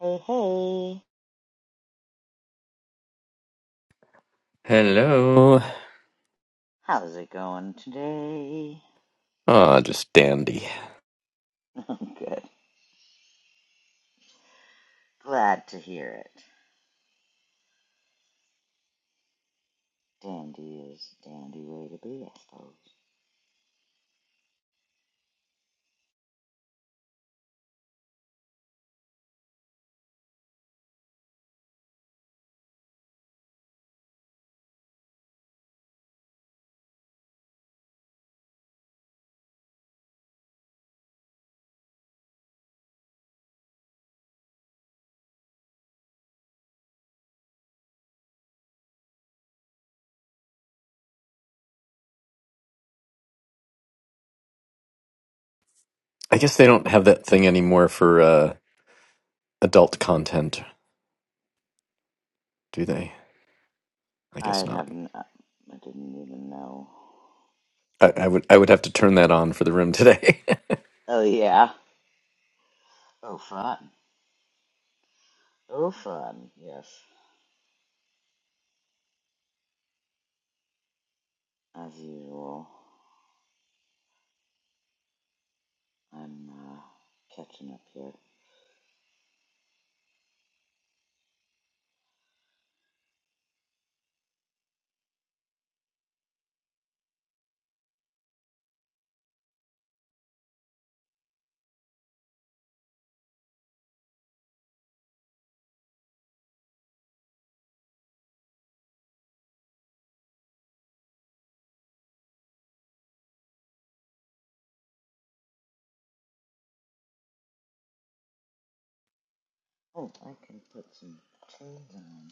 Hey, hey, Hello. how's it going today? Ah, just dandy. I'm good. Glad to hear it. Dandy is a dandy way to be, I suppose. I guess they don't have that thing anymore for uh, adult content, do they? I guess I not. have I I didn't even know. I, I would I would have to turn that on for the room today. Oh, yeah. Oh, fun. Oh, fun. Yes. As usual, I'm uh, catching up here. Oh, I can put some chains on.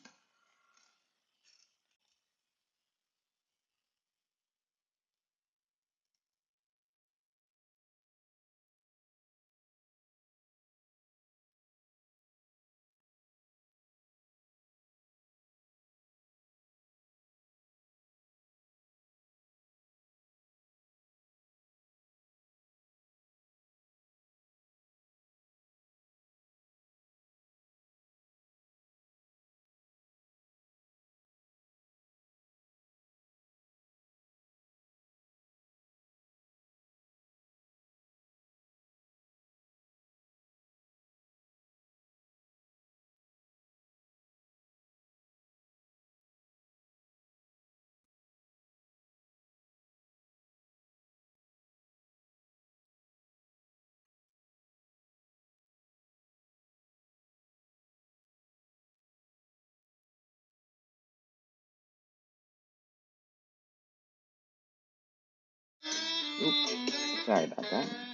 Oops. Sorry about that.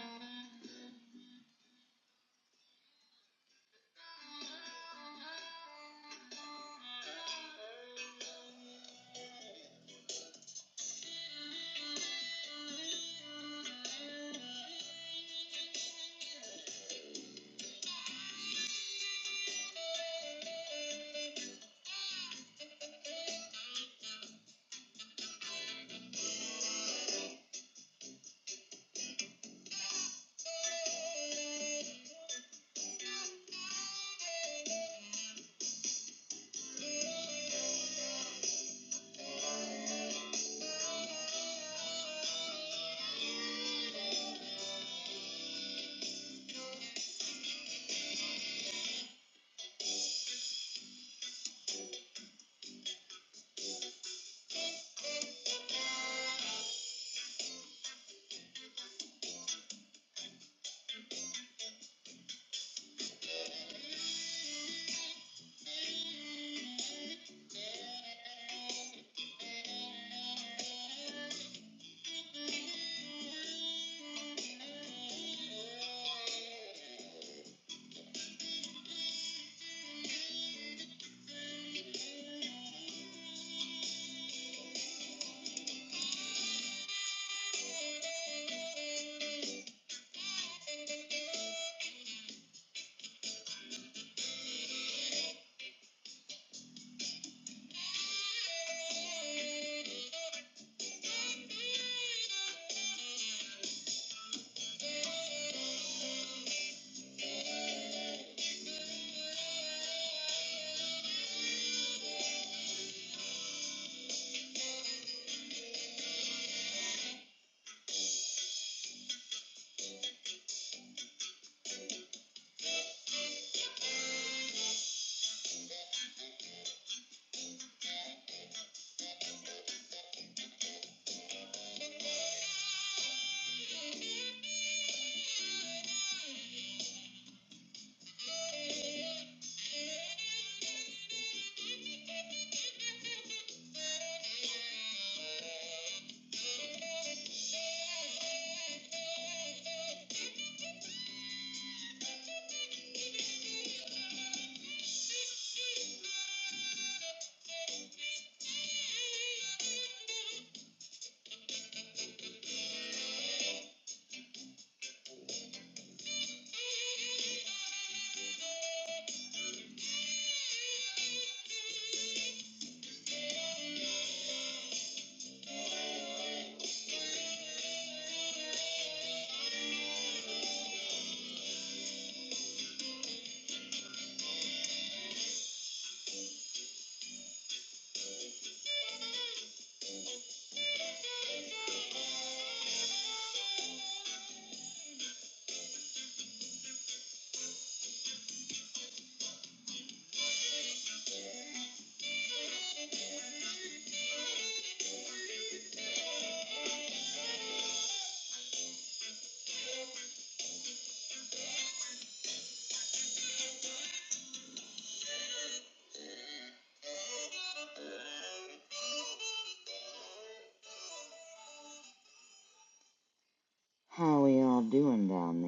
How are y'all doing down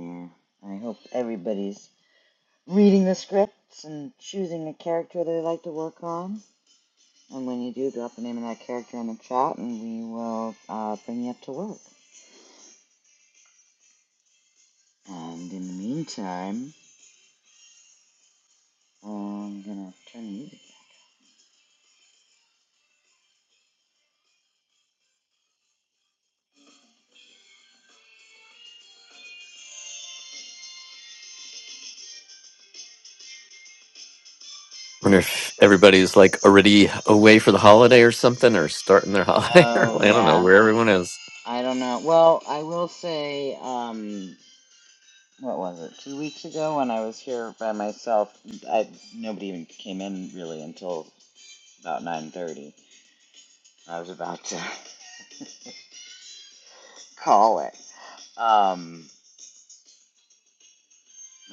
there? I hope everybody's reading the scripts and choosing a character they like to work on. And when you do, drop the name of that character in the chat and we will uh, bring you up to work. And in the meantime, I'm gonna turn the music Wonder if everybody's like already away for the holiday or something, or starting their holiday. or Oh I don't know yeah, where everyone is. I don't know. Well, I will say, um, what was it? Two weeks ago when I was here by myself, I nobody even came in really until about nine thirty. I was about to call it. Um,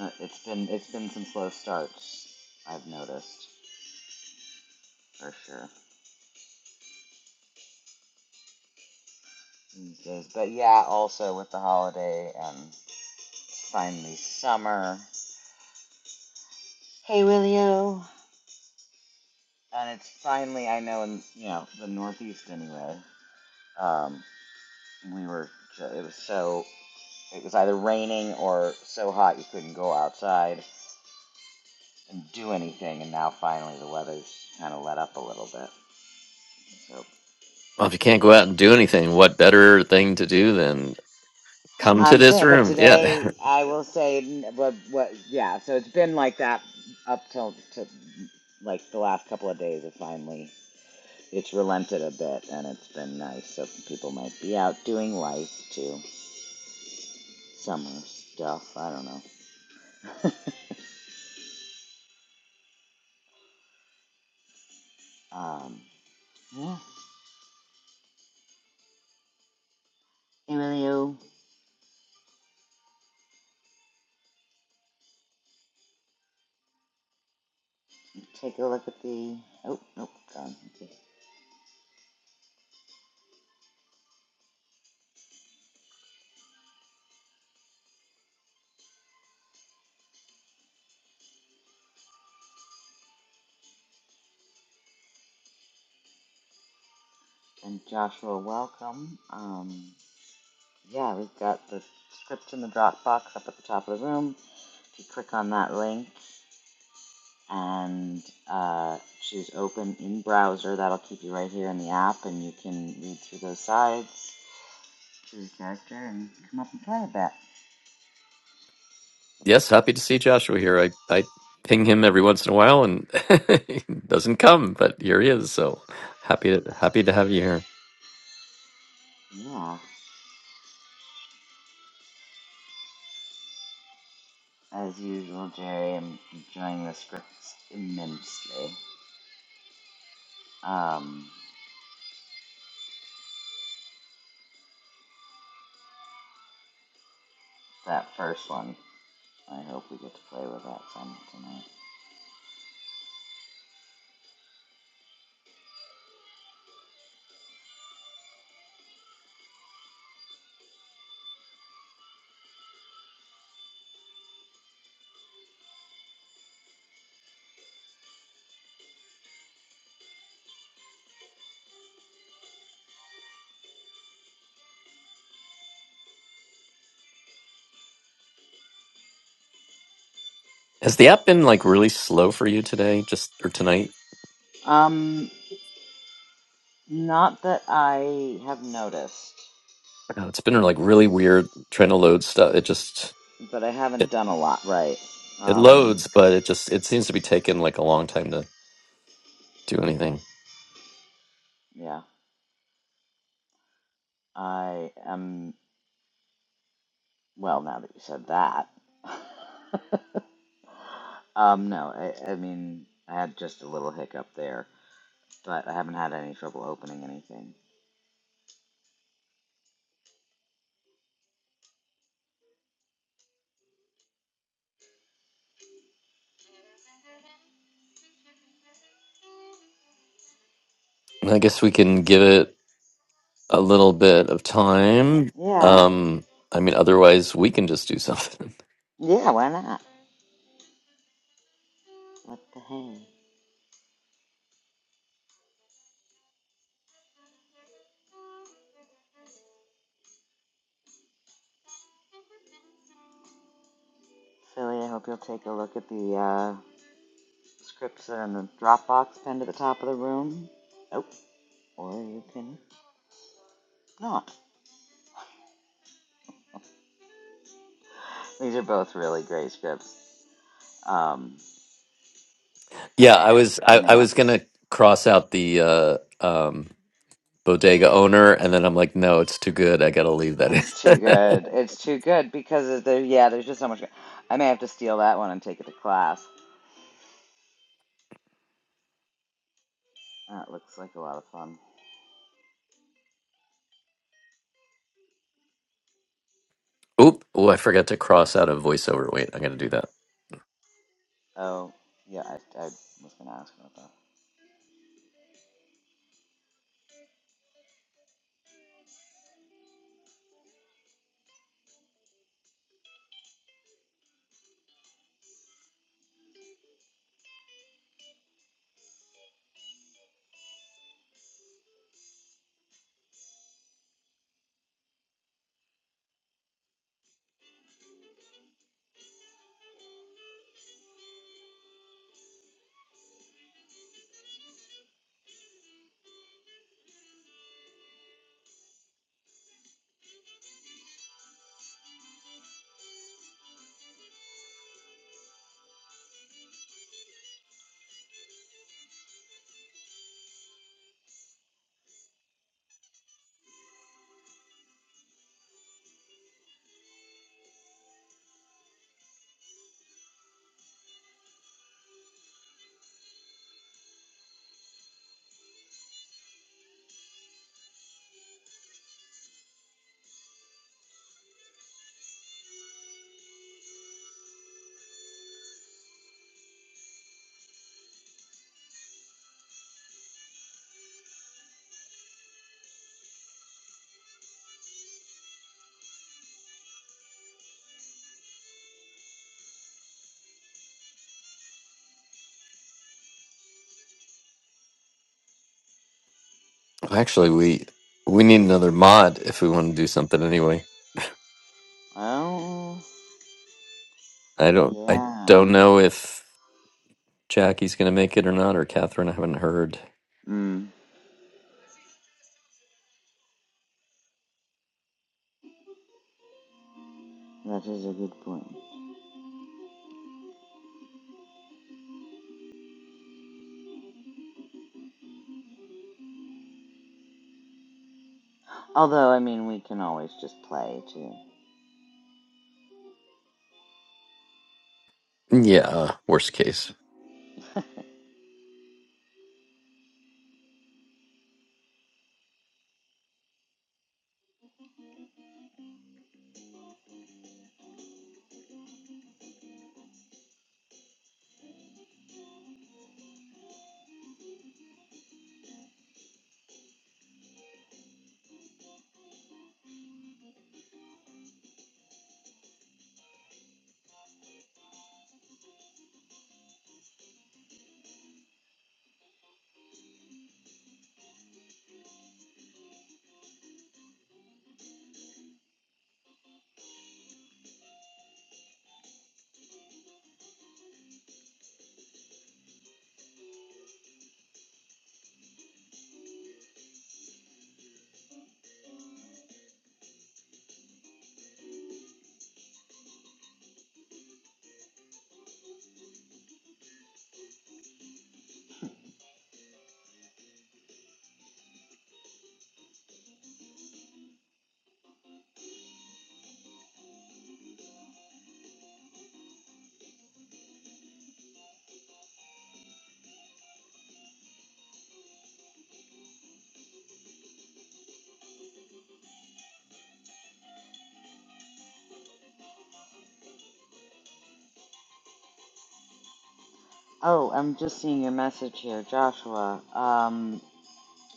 uh, it's been it's been some slow starts. I've noticed for sure these days. But yeah, also with the holiday and it's finally summer. Hey Willio, and it's finally I know in you know the Northeast anyway Um, we were, it was so, it was either raining or so hot you couldn't go outside and do anything. And now finally the weather's kind of let up a little bit. So Well, if you can't go out and do anything, what better thing to do than come to I'm this saying, but room? Yeah, today I will say, but what, yeah. So it's been like that up till to like the last couple of days. It finally it's relented a bit and it's been nice. So people might be out doing life too, summer stuff. I don't know. Um, yeah. Emilio. take a look at the. Oh, nope, gone. Okay. And Joshua, welcome. Um, yeah, we've got the script in the Dropbox up at the top of the room. If you click on that link and uh, choose open in browser, that'll keep you right here in the app and you can read through those sides, choose a character, and come up and play a bit. Yes, happy to see Joshua here. I, I ping him every once in a while and he doesn't come, but here he is. So happy to happy to have you here. Yeah, as usual, Jerry, I'm enjoying the scripts immensely. Um, that first one. I hope we get to play with that some tonight. Has the app been like really slow for you today, just or tonight? Um, not that I have noticed, Uh, It's been like really weird trying to load stuff. It just but I haven't it, done a lot right. it Um, loads, but it just it seems to be taking like a long time to do anything. yeah, I am. Well, now that you said that, um, no, I, I mean, I had just a little hiccup there, but I haven't had any trouble opening anything. And I guess we can give it a little bit of time. Yeah, Um, I mean, otherwise we can just do something. yeah, why not? What the heck, Philly? I hope you'll take a look at the uh, Scripts are in the Dropbox pinned to the top of the room. Oh, or you can not. These are both really great scripts. Um, yeah, I was I I, may I have was to. gonna cross out the uh, um, bodega owner, and then I'm like, no, it's too good. I gotta leave that It's in. too good. It's too good because there. yeah. There's just so much. I may have to steal that one and take it to class. That looks like a lot of fun. Oop! Oh, I forgot to cross out a voiceover. Wait, I'm gonna do that. Oh yeah, I, I was gonna ask about that. Actually, we we need another mod if we want to do something anyway. Oh I don't I yeah. don't know if Jackie's gonna make it or not, or Catherine. I haven't heard. Mm, that is a good point. Although I mean, we can always just play too. Yeah, worst case. Oh, I'm just seeing your message here, Joshua. Um,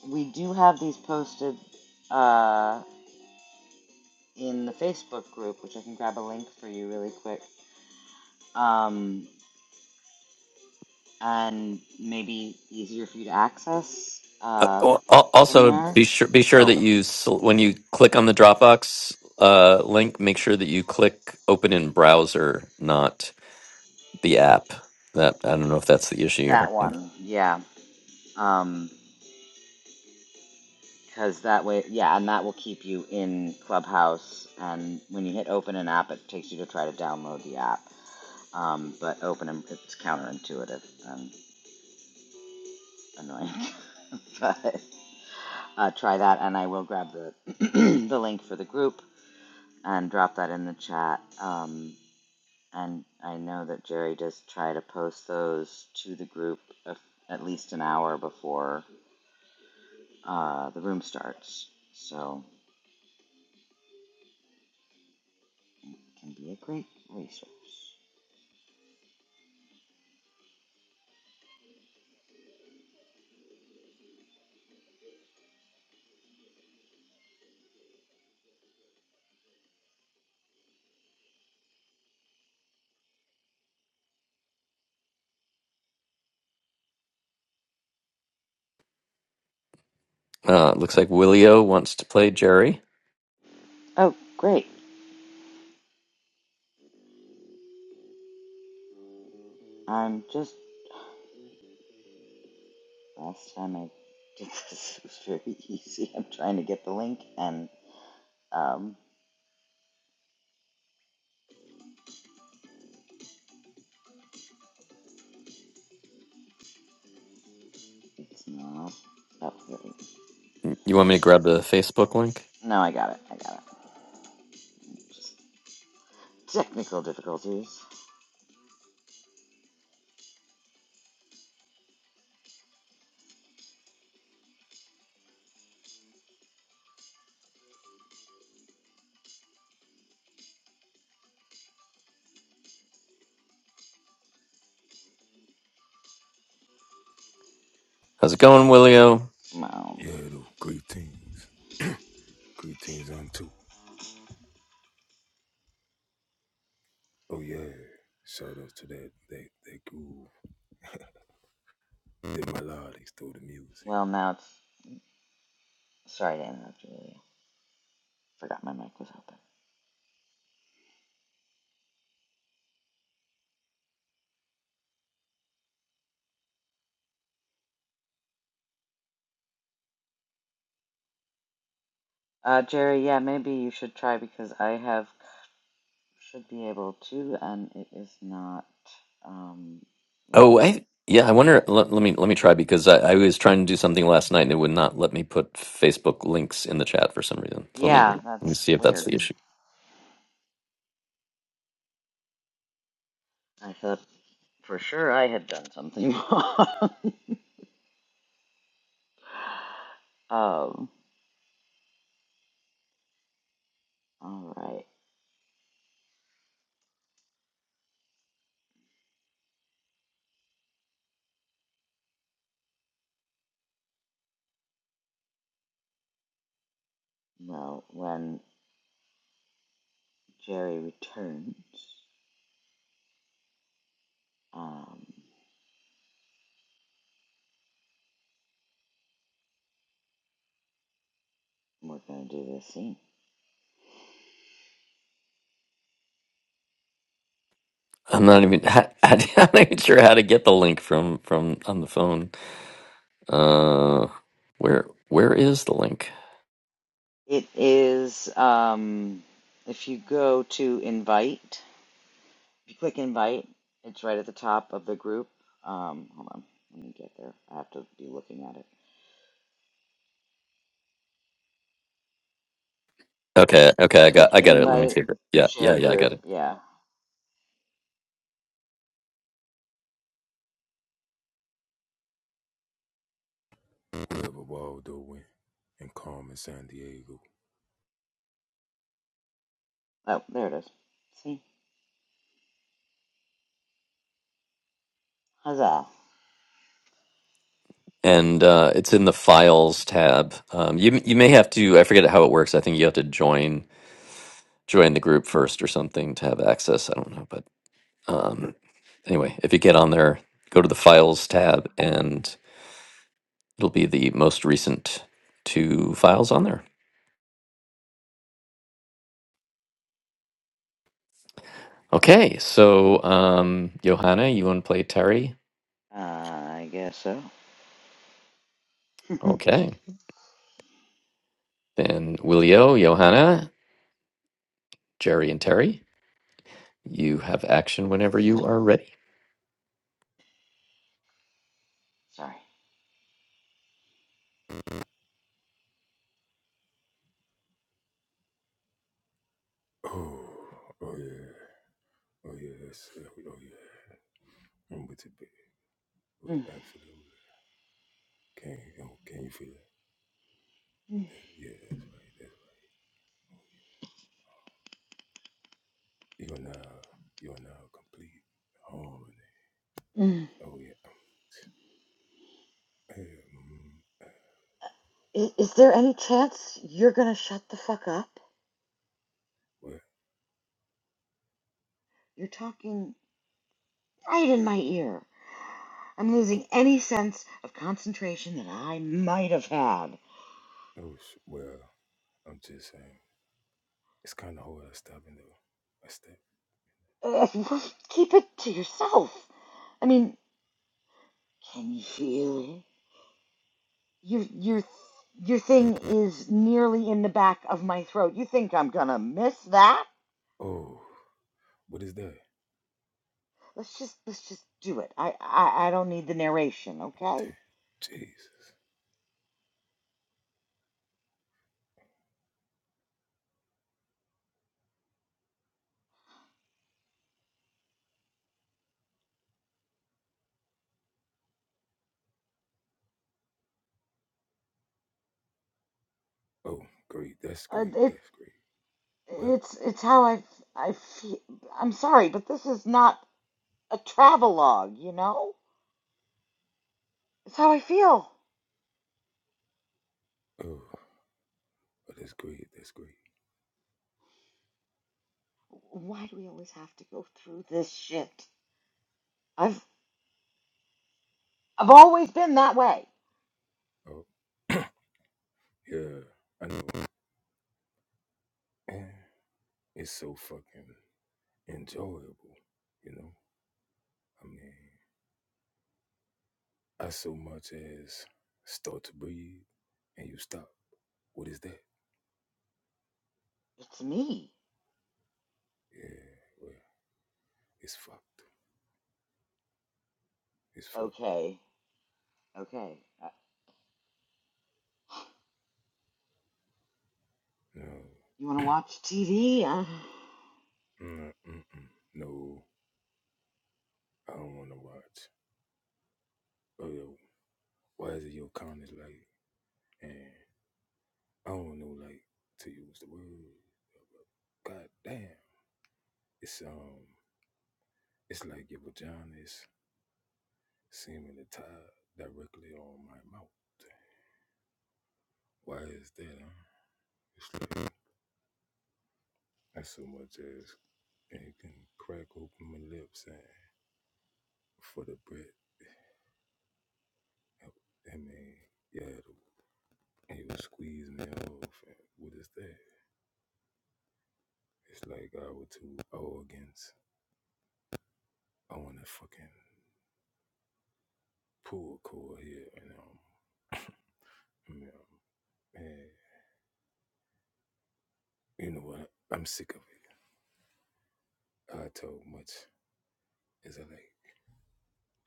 we do have these posted uh, in the Facebook group, which I can grab a link for you really quick, um, and maybe easier for you to access Uh, uh, al- al- from also, there. be sure be sure that Oh, you sel- when you click on the Dropbox uh, link, make sure that you click open in browser, not the app. That I don't know if that's the issue you're that having. one, yeah. Um, because that way, yeah, and that will keep you in Clubhouse. And when you hit open an app, it takes you to try to download the app. Um, but open 'em- it's counterintuitive. and. annoying. but uh, try that, and I will grab the the link for the group and drop that in the chat. Um, and I know that Jerry does try to post those to the group a, at least an hour before uh, the room starts, so it can be a great resource. Uh, looks like Willio wants to play Jerry. Oh, great! I'm just last time I did this it was very easy. I'm trying to get the link, and um, it's not up. There. You want me to grab the Facebook link? No, I got it. I got it. Technical difficulties. How's it going, Willio? Well, well, now it's. Sorry to interrupt you. Lily. Forgot my mic was open. Uh, Jerry, yeah, maybe you should try because I have should be able to, and it is not um Oh, letting me. I, yeah. I wonder. Let, let me let me try because I, I was trying to do something last night and it would not let me put Facebook links in the chat for some reason. So let me Yeah, let me that's see if that's weird. the issue. I thought for sure I had done something wrong. um. All right. Well, when Jerry returns, um, we're gonna do this scene. I'm not even. I, am not even sure how to get the link from from on the phone. Uh, where where is the link? It is, um, if you go to invite, if you click invite, it's right at the top of the group. Um, hold on, let me get there. I have to be looking at it. Okay, Uh, okay, I got click I got it. Let me invite, see it. Yeah, share yeah, yeah, I group. got it. Yeah. Oh, there it is. See? Huzzah. And uh, it's in the files tab. Um, you you may have to. I forget how it works. I think you have to join join the group first or something to have access. I don't know, but um, anyway, if you get on there, go to the files tab, and it'll be the most recent two files on there. Okay, so um, Johanna, you want to play Terry? Uh, I guess so. oh, Okay. Then Willio, Johanna, Jerry, and Terry, you have action whenever didn't you mean. are ready. Sorry. Mm, mm, mm. Is there any chance you're gonna shut the fuck up? You're talking right in my ear. I'm losing any sense of concentration that I might have had. Uh, keep it to yourself. I mean, can you feel it? Your your your thing is nearly in the back of my throat. You think I'm gonna miss that? Let's just let's just do it. I I, I don't need the narration, okay? Uh, it it's it's how I I feel. I'm sorry, but this is not a travelogue, you know? It's how I feel. Why do we always have to go through this shit? I've I've always been that way. It's me. Okay, okay. Uh, you want to watch TV? Uh,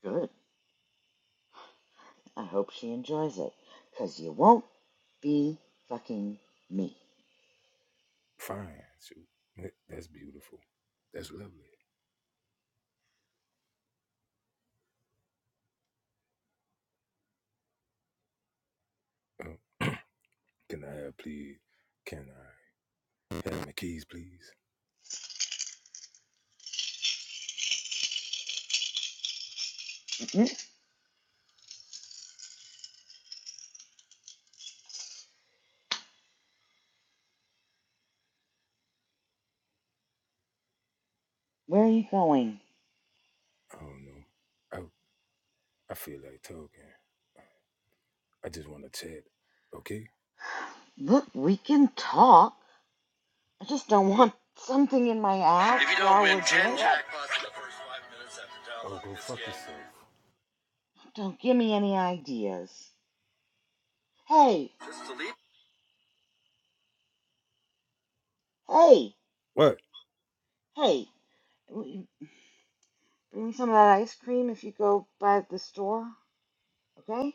good. I hope she enjoys it, cause you won't be fucking me. Where are you going? Look, we can talk. I just don't want something in my ass If you don't while win we're 10 doing it. jackpots in the first five minutes after downloading this Don't give me any ideas. Hey, just delete hey, hey. Bring me some of that ice cream if you go by the store, okay?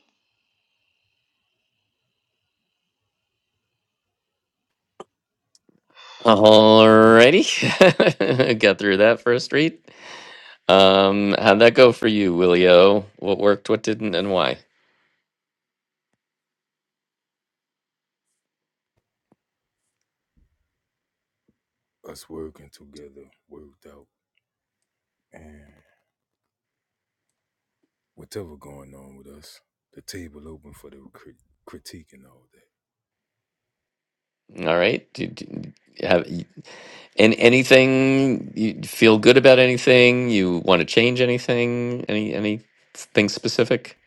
Alrighty, got through that first read. Um, how'd that go for you, Willio? What worked, what didn't, and why? All right. Did, did- have and anything you feel good about anything? You want to change anything? Any anything specific?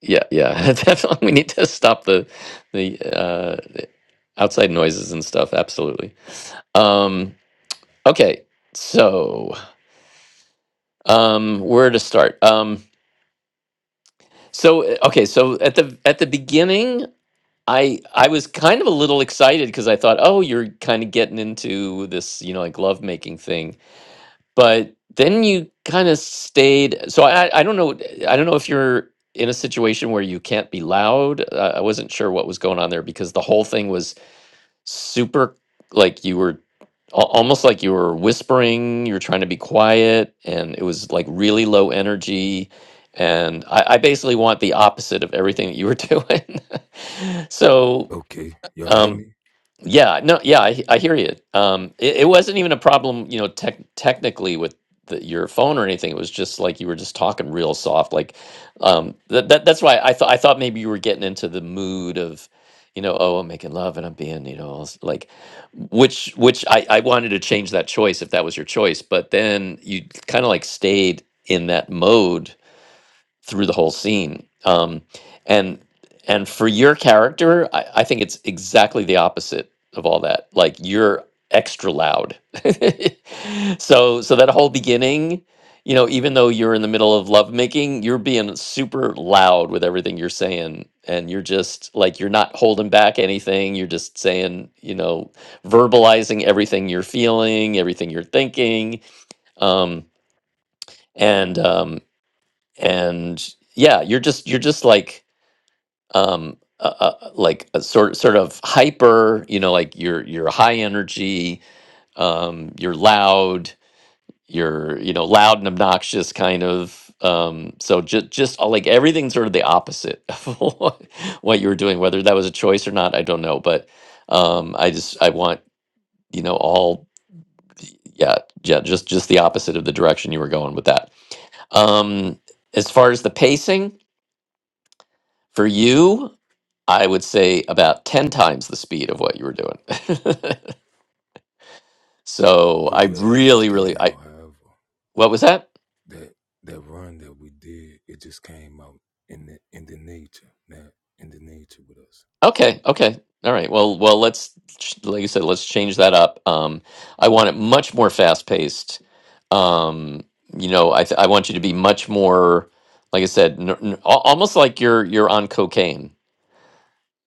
Yeah, yeah, definitely. We need to stop the the uh, outside noises and stuff. Absolutely. Um, okay, so um, where to start? Um, so uh, okay, so at the at the beginning, I I was kind of a little excited because I thought, oh, you're kind of getting into this, you know, like love making thing. But then you kind of stayed. So I I don't know. I don't know if you're in a situation where you can't be loud. Uh, I wasn't sure what was going on there because the whole thing was super like you were al- almost like you were whispering you were trying to be quiet and it was like really low energy and i, I basically want the opposite of everything that you were doing so um, yeah, no, yeah, I, he- I hear you. Um, it, it wasn't even a problem, you know, tech technically with the, your phone or anything. It was just like you were just talking real soft. Like, um, that, that that's why I thought I thought maybe you were getting into the mood of, you know, oh, I'm making love and I'm being, you know, all s- like, which which I I wanted to change that choice if that was your choice, but then you kind of like stayed in that mode through the whole scene. Um, and and for your character, I, I think it's exactly the opposite of all that. Like you're extra loud. so so that whole beginning, you know, even though you're in the middle of lovemaking, you're being super loud with everything you're saying. And you're just like you're not holding back anything. You're just saying, you know, verbalizing everything you're feeling, everything you're thinking. Um, and um, and yeah you're just you're just like um uh, uh, like a sort sort of hyper you know like you're you're high energy um you're loud you're you know loud and obnoxious kind of um so just just all, like everything sort of the opposite of what what you were doing whether that was a choice or not i don't know but um i just i want you know all yeah yeah just just the opposite of the direction you were going with that um as far as the pacing for you I would say about 10 times the speed of what you were doing. so I really, really, I, what was that? Okay. Okay. All right. Well, well, let's, ch- like you said, let's change that up. Um, I want it much more fast paced. Um, you know, I, th- I want you to be much more, like I said, n- n- al- almost like you're, you're on cocaine.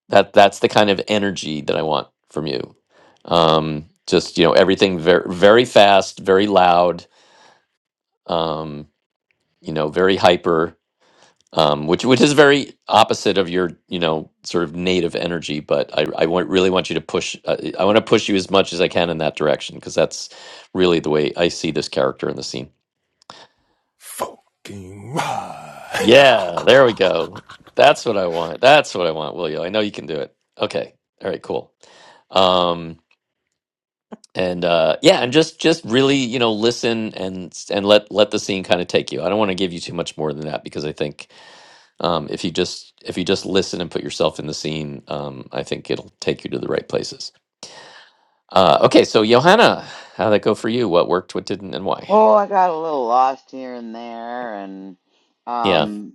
That, that's the kind of energy that I want from you. Um, just, you know, everything very, very fast, very loud. Um, you know, very hyper, um, which which is very opposite of your you know sort of native energy. But I I want, really want you to push. Uh, I want to push you as much as I can in that direction because that's really the way I see this character in the scene. Yeah, there we go. That's what I want. That's what I want, Willio. I know you can do it. Okay. All right. Cool. Um, and uh, yeah, and just just really you know listen and and let let the scene kind of take you. I don't want to give you too much more than that because I think Um, if you just if you just listen and put yourself in the scene, um, I think it'll take you to the right places. Uh, okay, so Johanna, how'd that go for you? What worked, what didn't, and why? Well, I got a little lost here and there, and Yeah. um,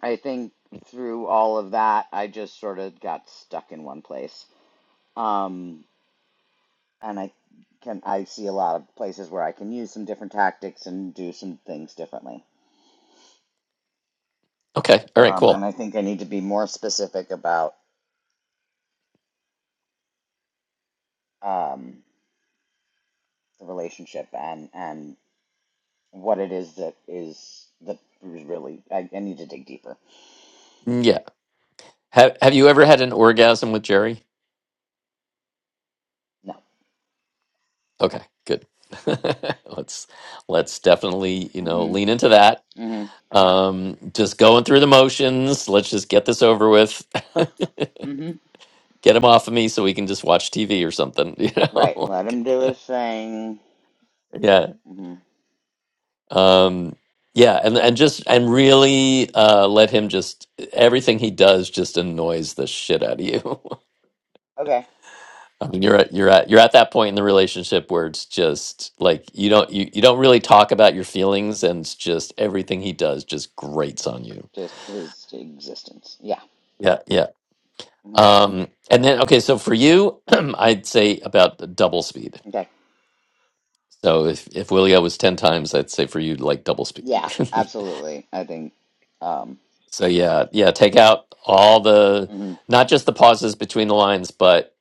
I think through all of that, I just sort of got stuck in one place. Um, and I can I see a lot of places where I can use some different tactics and do some things differently. Okay. All right. Um, and Cool. I think I need to be more specific about um, the relationship and and what it is that is that is really I, I need to dig deeper. Yeah. Have Have you ever had an orgasm with Jerry? No. Okay. Good. let's Let's definitely you know hmm lean into that. hmm Um, just going through the motions. Let's just get this over with. hmm get him off of me so we can just watch TV or something. You know. Right. Let like, him do his thing. yeah. hmm um yeah and and just and really uh let him just everything he does just annoys the shit out of you Okay. I mean, you're at you're at you're at that point in the relationship where it's just like you don't you, you don't really talk about your feelings and it's just everything he does just grates on you Just his existence. Yeah. yeah yeah hmm um and then okay so for you i'd say about double speed Okay. so if if willio was 10 times i'd say for you like double speed Yeah. Absolutely. I think. Um. So yeah, yeah, take out all the mhm. not just the pauses between the lines, but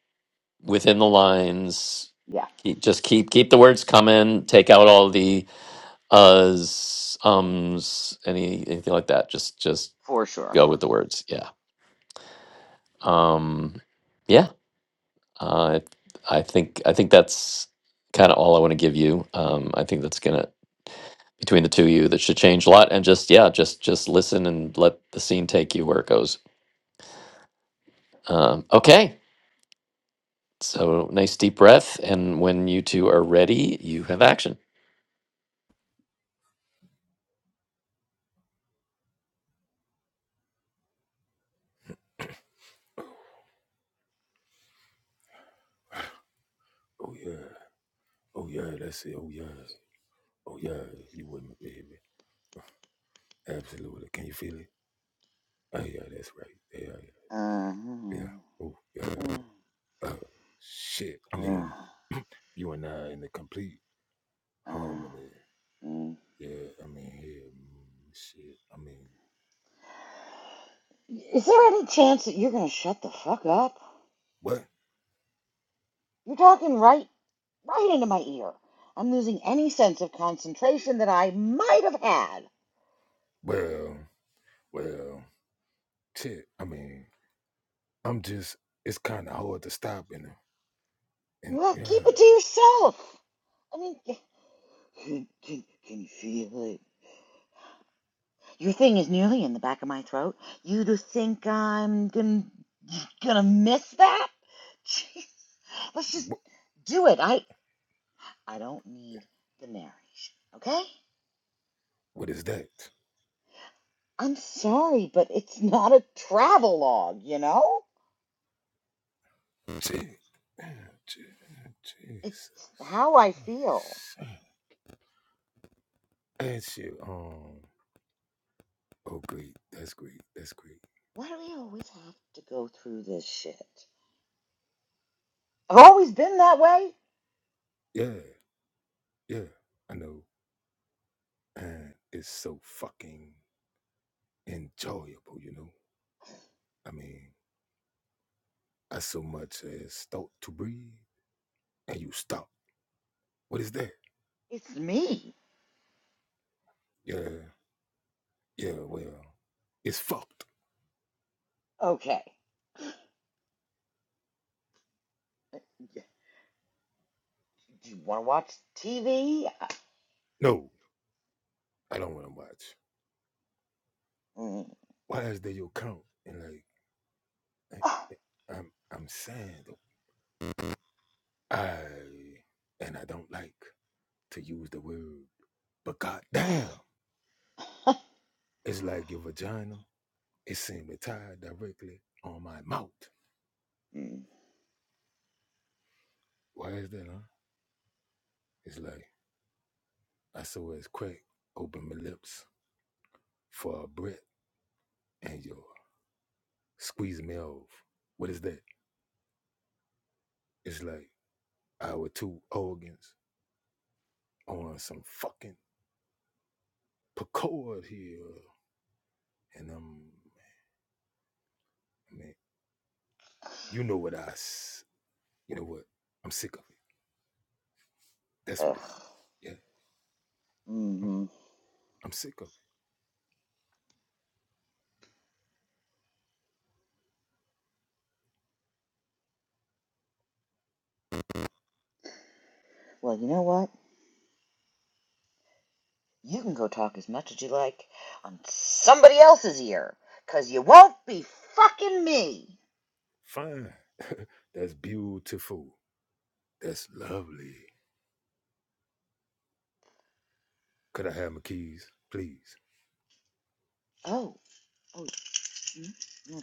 within the lines. Yeah. Keep, just keep keep the words coming. Take out all the uhs, ums, any anything like that. Just just For sure. go with the words. Yeah. Um yeah. Uh, I think I think that's kind of all I want to give you. Um I think that's going to between the two of you that should change a lot and just yeah, just just listen and let the scene take you where it goes. Um okay. So, nice deep breath. And when you two are ready, you have action. Uh, hmm uh, uh, uh, mm. Is there any chance that you're gonna shut the fuck up? You're talking right, right into my ear. I'm losing any sense of concentration that I might have had. Well, keep it to yourself. I mean. Can, can, can you feel it? Your thing is nearly in the back of my throat. You do think I'm gonna gonna miss that? Jeez, let's just do it. I I don't need the narration, okay? I'm sorry, but it's not a travelogue, you know? It's how I feel. Why do we always have to go through this shit? I've always been that way. It's me. Okay. Do you want to watch TV? Mm. Oh. Mm. Ugh. Mm-hmm. Well, you know what? You can go talk as much as you like on somebody else's ear, 'cause you won't be fucking me. Oh. Oh. mm, no,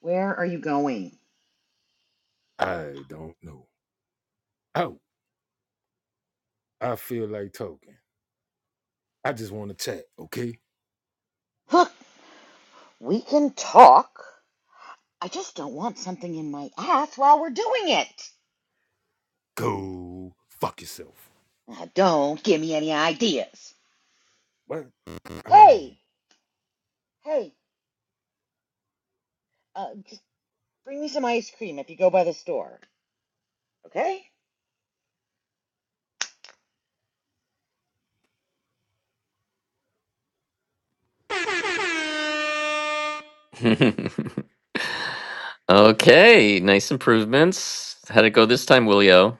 Where are you going? Look, we can talk. I just don't want something in my ass while we're doing it. Now, don't give me any ideas. Hey, hey, uh, just bring me some ice cream if you go by the store, okay? okay, nice improvements. How'd it go this time, Willio?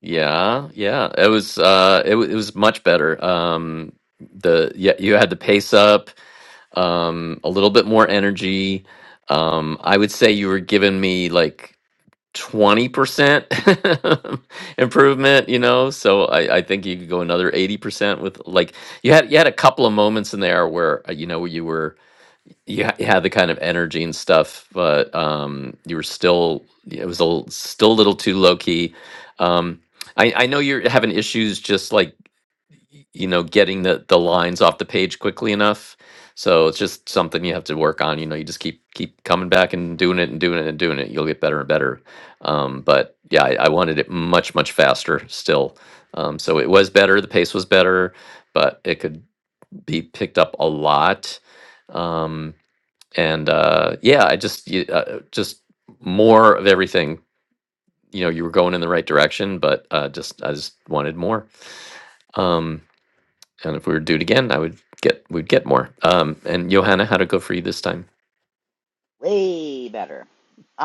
Yeah, yeah. It was uh it, wa- it was much better. Um the yeah, you had the pace up, um a little bit more energy. Um I would say you were giving me like 20% improvement you know so I, I think you could go another 80% with like you had you had a couple of moments in there where uh, you know you were you, ha- you had the kind of energy and stuff but um you were still it was a, l- still a little too low key um I, I know you're having issues just like y- you know getting the the lines off the page quickly enough so it's just something you have to work on you know you just keep keep coming back and doing it and doing it and doing it you'll get better and better um, but yeah I, I wanted it much much faster still um, so it was better the pace was better but it could be picked up a lot um, and uh, yeah i just y- uh, just more of everything you know you were going in the right direction but uh, just i just wanted more Um, and if we were to do it again, I would get we'd get more. Um, and Johanna, how'd it go for you this time? way better.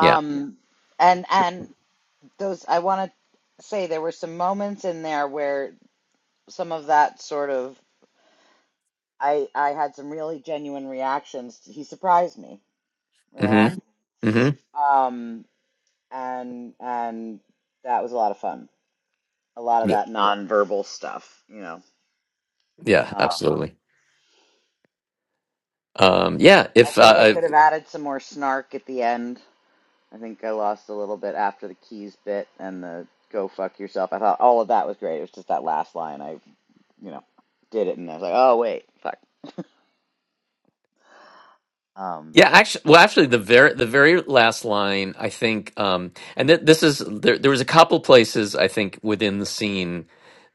Yeah. and and those I want to say there were some moments in there where some of that sort of I I had some really genuine reactions. He surprised me, you know. Mm-hmm. Mm-hmm. Um, and and that was a lot of fun. A lot of Yeah, that nonverbal stuff, you know. yeah, Um, absolutely. Um, yeah. I If uh, think I uh, could have added some more snark at the end. I think I lost a little bit after the keys bit and the go fuck yourself. I thought all of that was great. It was just that last line I you know, did it, and I was like, oh wait, fuck. Um. yeah, actually, well, actually, the very the very last line, I think, um, and th- this is there. There was a couple places I think within the scene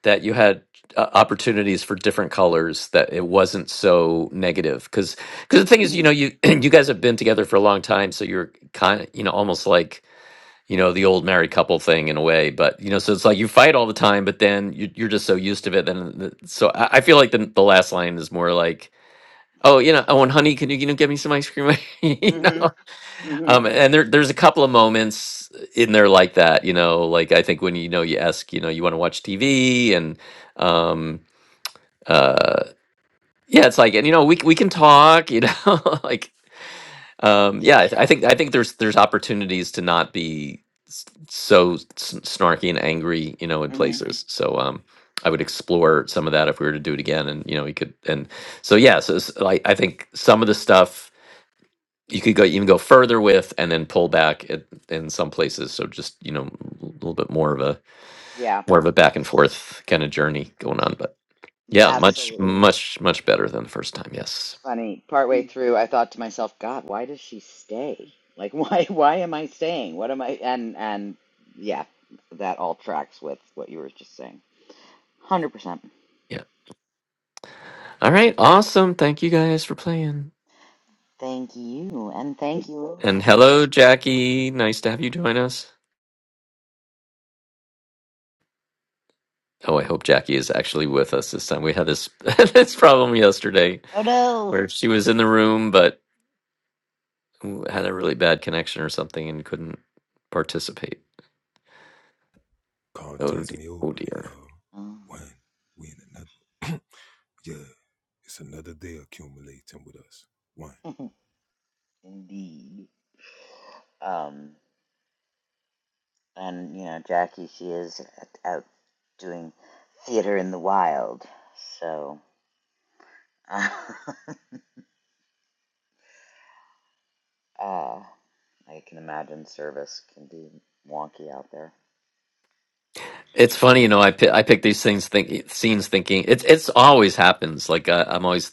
that you had uh, opportunities for different colors that it wasn't so negative because because the thing is, you hmm know, you you guys have been together for a long time, so you're kind of you know almost like you know the old married couple thing in a way but you know so it's like you fight all the time but then you, you're just so used to it then the, so I, I feel like the, the last line is more like oh you know oh and honey can you you know get me some ice cream you hmm know hmm um and there, there's a couple of moments in there like that you know like i think when you know you ask you know you want to watch tv and um uh yeah it's like and you know we, c- we can talk you know like um, yeah, Yeah. I, th- I think I think there's there's opportunities to not be s- so s- snarky and angry, you know, in hmm places. So um, I would explore some of that if we were to do it again, and you know, we could. And so yeah, so it's like I think some of the stuff you could go even go further with, and then pull back at, in some places. So just you know, a little bit more of a Yeah. more of a back and forth kind of journey going on. But yeah, much Absolutely. much much better than the first time. Yes. It's funny. Partway through, I thought to myself, God, why does she stay? Like, why? Why am I staying? What am I? And and yeah, that all tracks with what you were just saying. Hundred percent. Yeah. All right. Awesome. Thank you guys for playing. Thank you, and thank you, Ilya. And hello, Jackie. Nice to have you join us. Oh, I hope Jackie is actually with us this time. We had this this problem yesterday Oh no. where she was in the room but had a really bad connection or something and couldn't participate. Oh dear. Oh dear. Oh, indeed. Um. and you know Jackie, she is out doing theater in the wild. So uh, uh, I can imagine service can be wonky out there. It's funny, you know. I pick, I pick these things, think scenes, thinking it's it's always happens. Like I, I'm always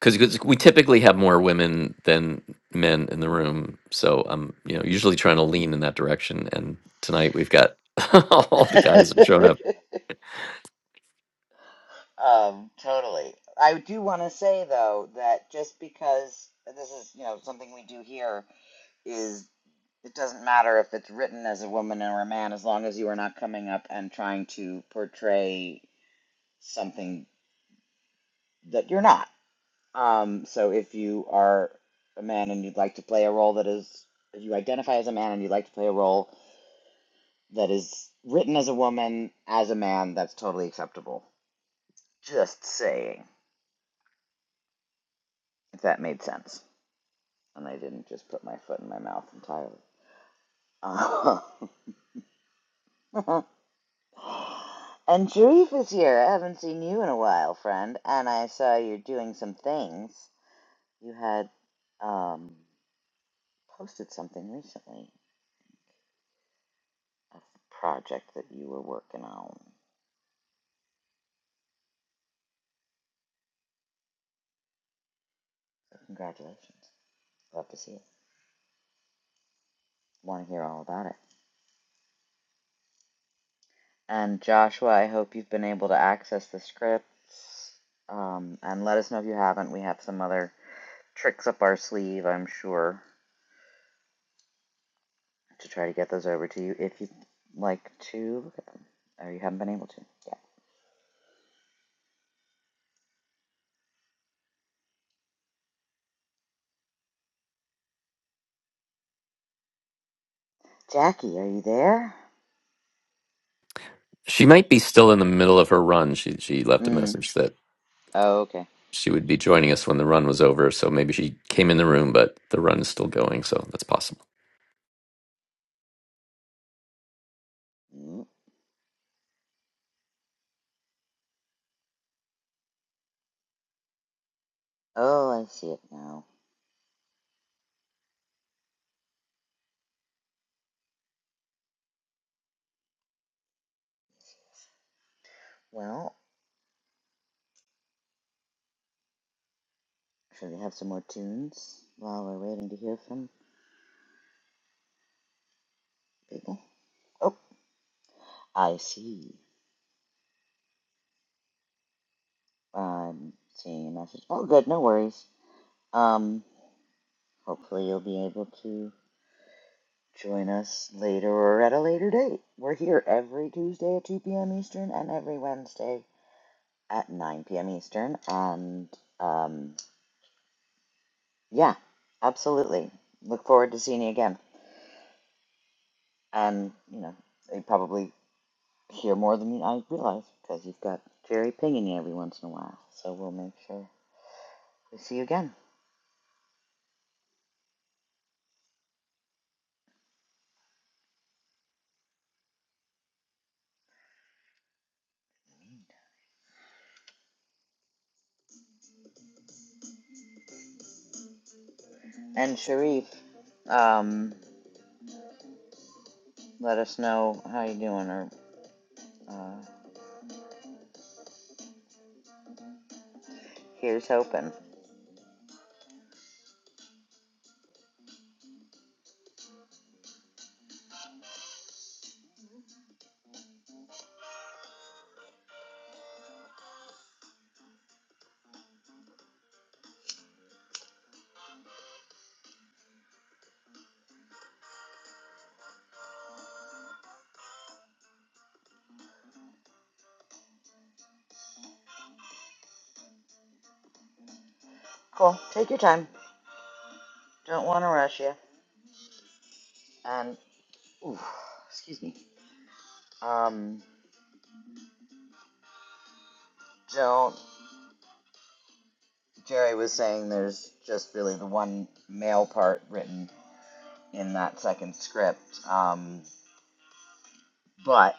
because we typically have more women than men in the room, so I'm you know usually trying to lean in that direction. And tonight we've got all the guys have shown up. um, totally. I do want to say though that just because this is you know something we do here is it doesn't matter if it's written as a woman or a man as long as you are not coming up and trying to portray something that you're not Um, so if you are a man and you'd like to play a role that is, if you identify as a man and you'd like to play a role that is written as a woman, as a man, that's totally acceptable. Just saying, if that made sense. And I didn't just put my foot in my mouth entirely. Uh, and Sharif is here. I haven't seen you in a while, friend. And I saw you doing some things. You had um, posted something recently. a project that you were working on. Congratulations. Love to see it. Want to hear all about it. And Joshua, I hope you've been able to access the scripts. Um, and let us know if you haven't. We have some other tricks up our sleeve, I'm sure, to try to get those over to you if you'd like to look at them. Or you haven't been able to. Yeah. Jackie, are you there? She might be still in the middle of her run. She she left a Mm. message that Oh, okay. she would be joining us when the run was over. So maybe she came in the room, but the run is still going. So that's possible. Mm. Oh, I see it now. Well, should we have some more tunes while we're waiting to hear from people? Oh. I see. I'm seeing a message. Oh, good. No worries. Um, hopefully you'll be able to join us later or at a later date. We're here every Tuesday at 2 p.m. Eastern and every Wednesday at 9 p.m. Eastern. And um, yeah, absolutely. Look forward to seeing you again. And you know, you probably hear more than I realize because you've got Jerry pinging you every once in a while. So we'll make sure we see you again. And Sharif, um, let us know how you are doing or uh, here's hoping. Cool. Take your time. Don't want to rush you. And ooh, excuse me. Um, don't. Jerry was saying there's just really the one male part written in that second script. Um, but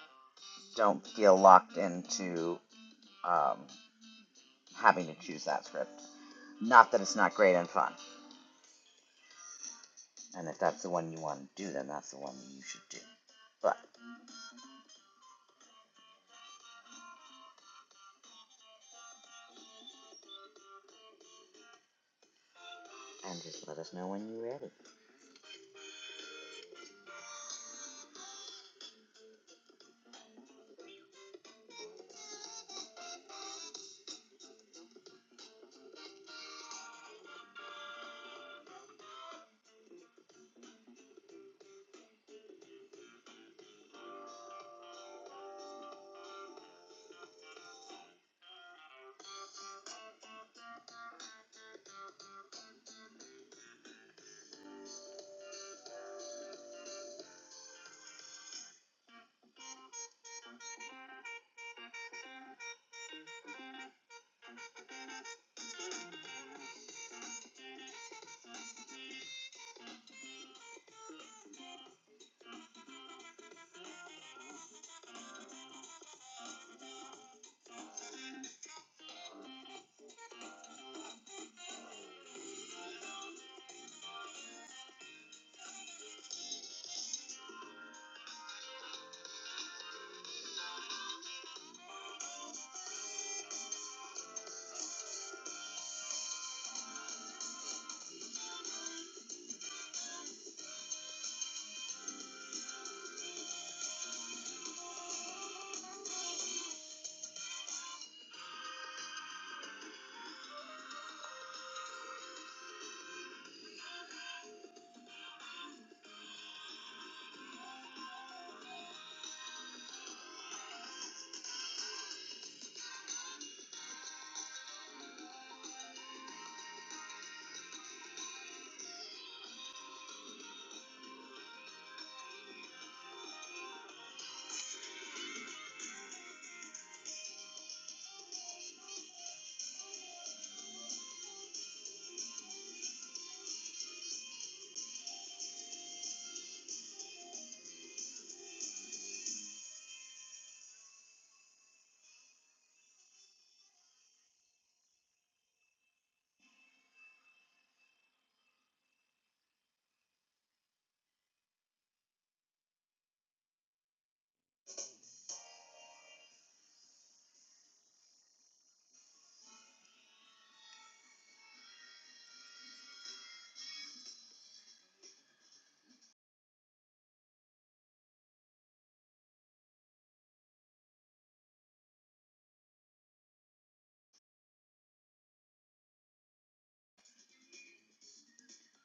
don't feel locked into um, having to choose that script. Not that it's not great and fun. And if that's the one you want to do, then that's the one you should do. But and just let us know when you're ready.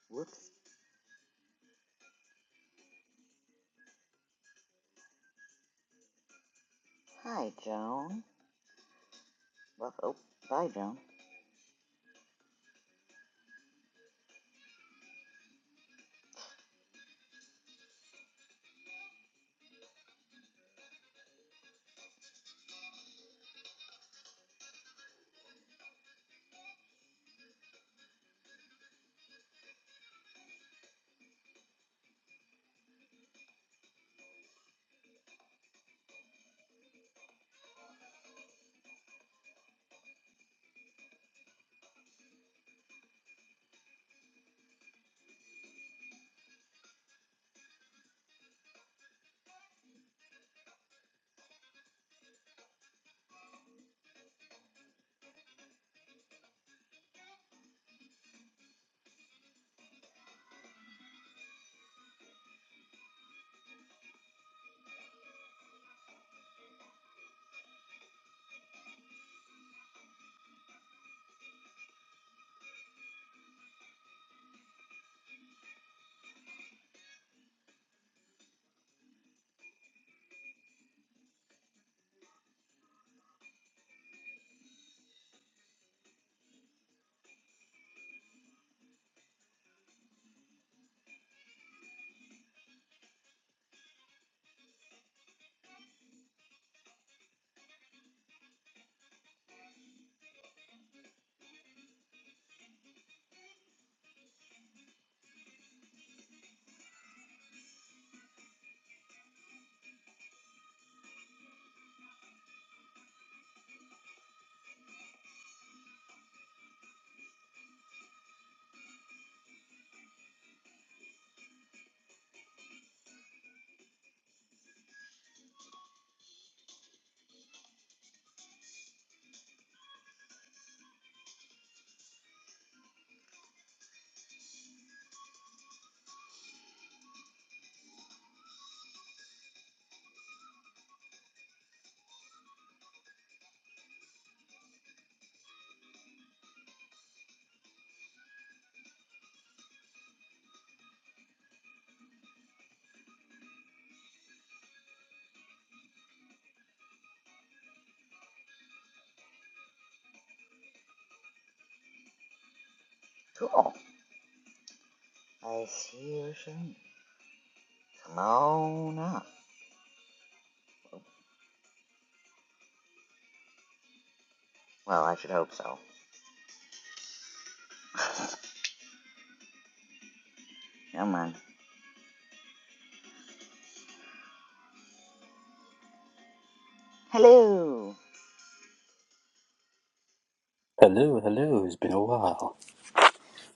Whoops. Hi, Joan. Well, oh, bye, Joan. Cool. I see you, Shane. Come on up. Well, I should hope so. Come on. Hello. Hello, hello. It's been a while.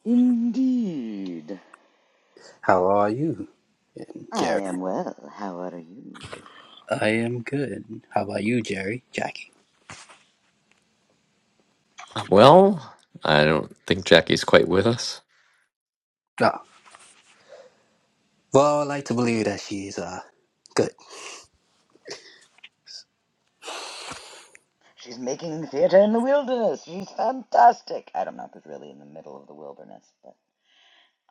Indeed. How are you, I Jerry? am well. How are you? I am good. How about you, Jerry? Jackie? Well, I don't think Jackie's quite with us. Ah, well, I like to believe that she's uh good. She's making theater in the wilderness. She's fantastic. I don't know if it's really in the middle of the wilderness, but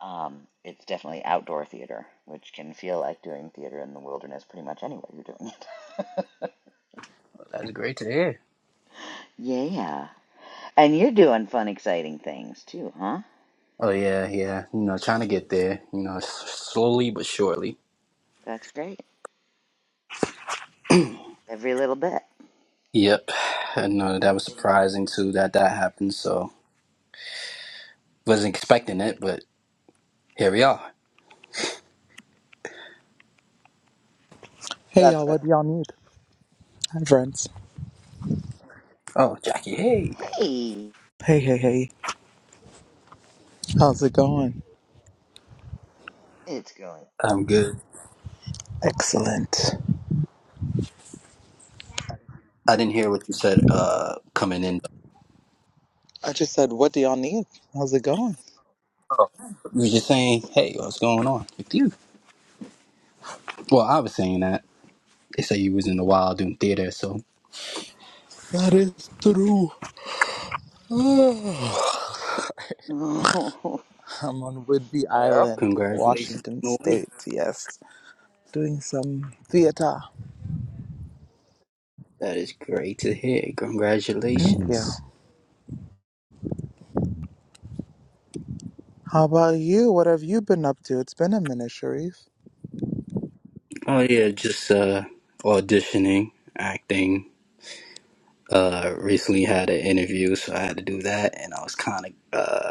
um, it's definitely outdoor theater, which can feel like doing theater in the wilderness pretty much anywhere you're doing it. That's great to hear. yeah. And you're doing fun, exciting things too, huh? Oh yeah, yeah. You know, trying to get there. You know, s- slowly but surely. That's great. Every little bit. Yep. I know that Love was to hear it. surprising too that that happened. So wasn't expecting it, but here we are. Hey That's y'all, a, what do y'all need? Hi friends. Oh, Jackie, hey. hey, Hey, hey, hey. How's it going? it's going. I'm good. Excellent. I didn't hear what you said. Uh, coming in. I just said, what do y'all need? How's it going? Oh, you were just saying, hey, what's going on with you? Well, I was saying that. They say you was in the wild doing theater, so That is true. I'm on Whidbey yep. Island in congratulations Washington on the win. State, yes. Doing some theater. That is great to hear. Yeah. Congratulations. How about you? What have you been up to? It's been a minute, Sharif. Oh yeah, just uh auditioning, acting. Uh recently had an interview, so I had to do that and I was kinda uh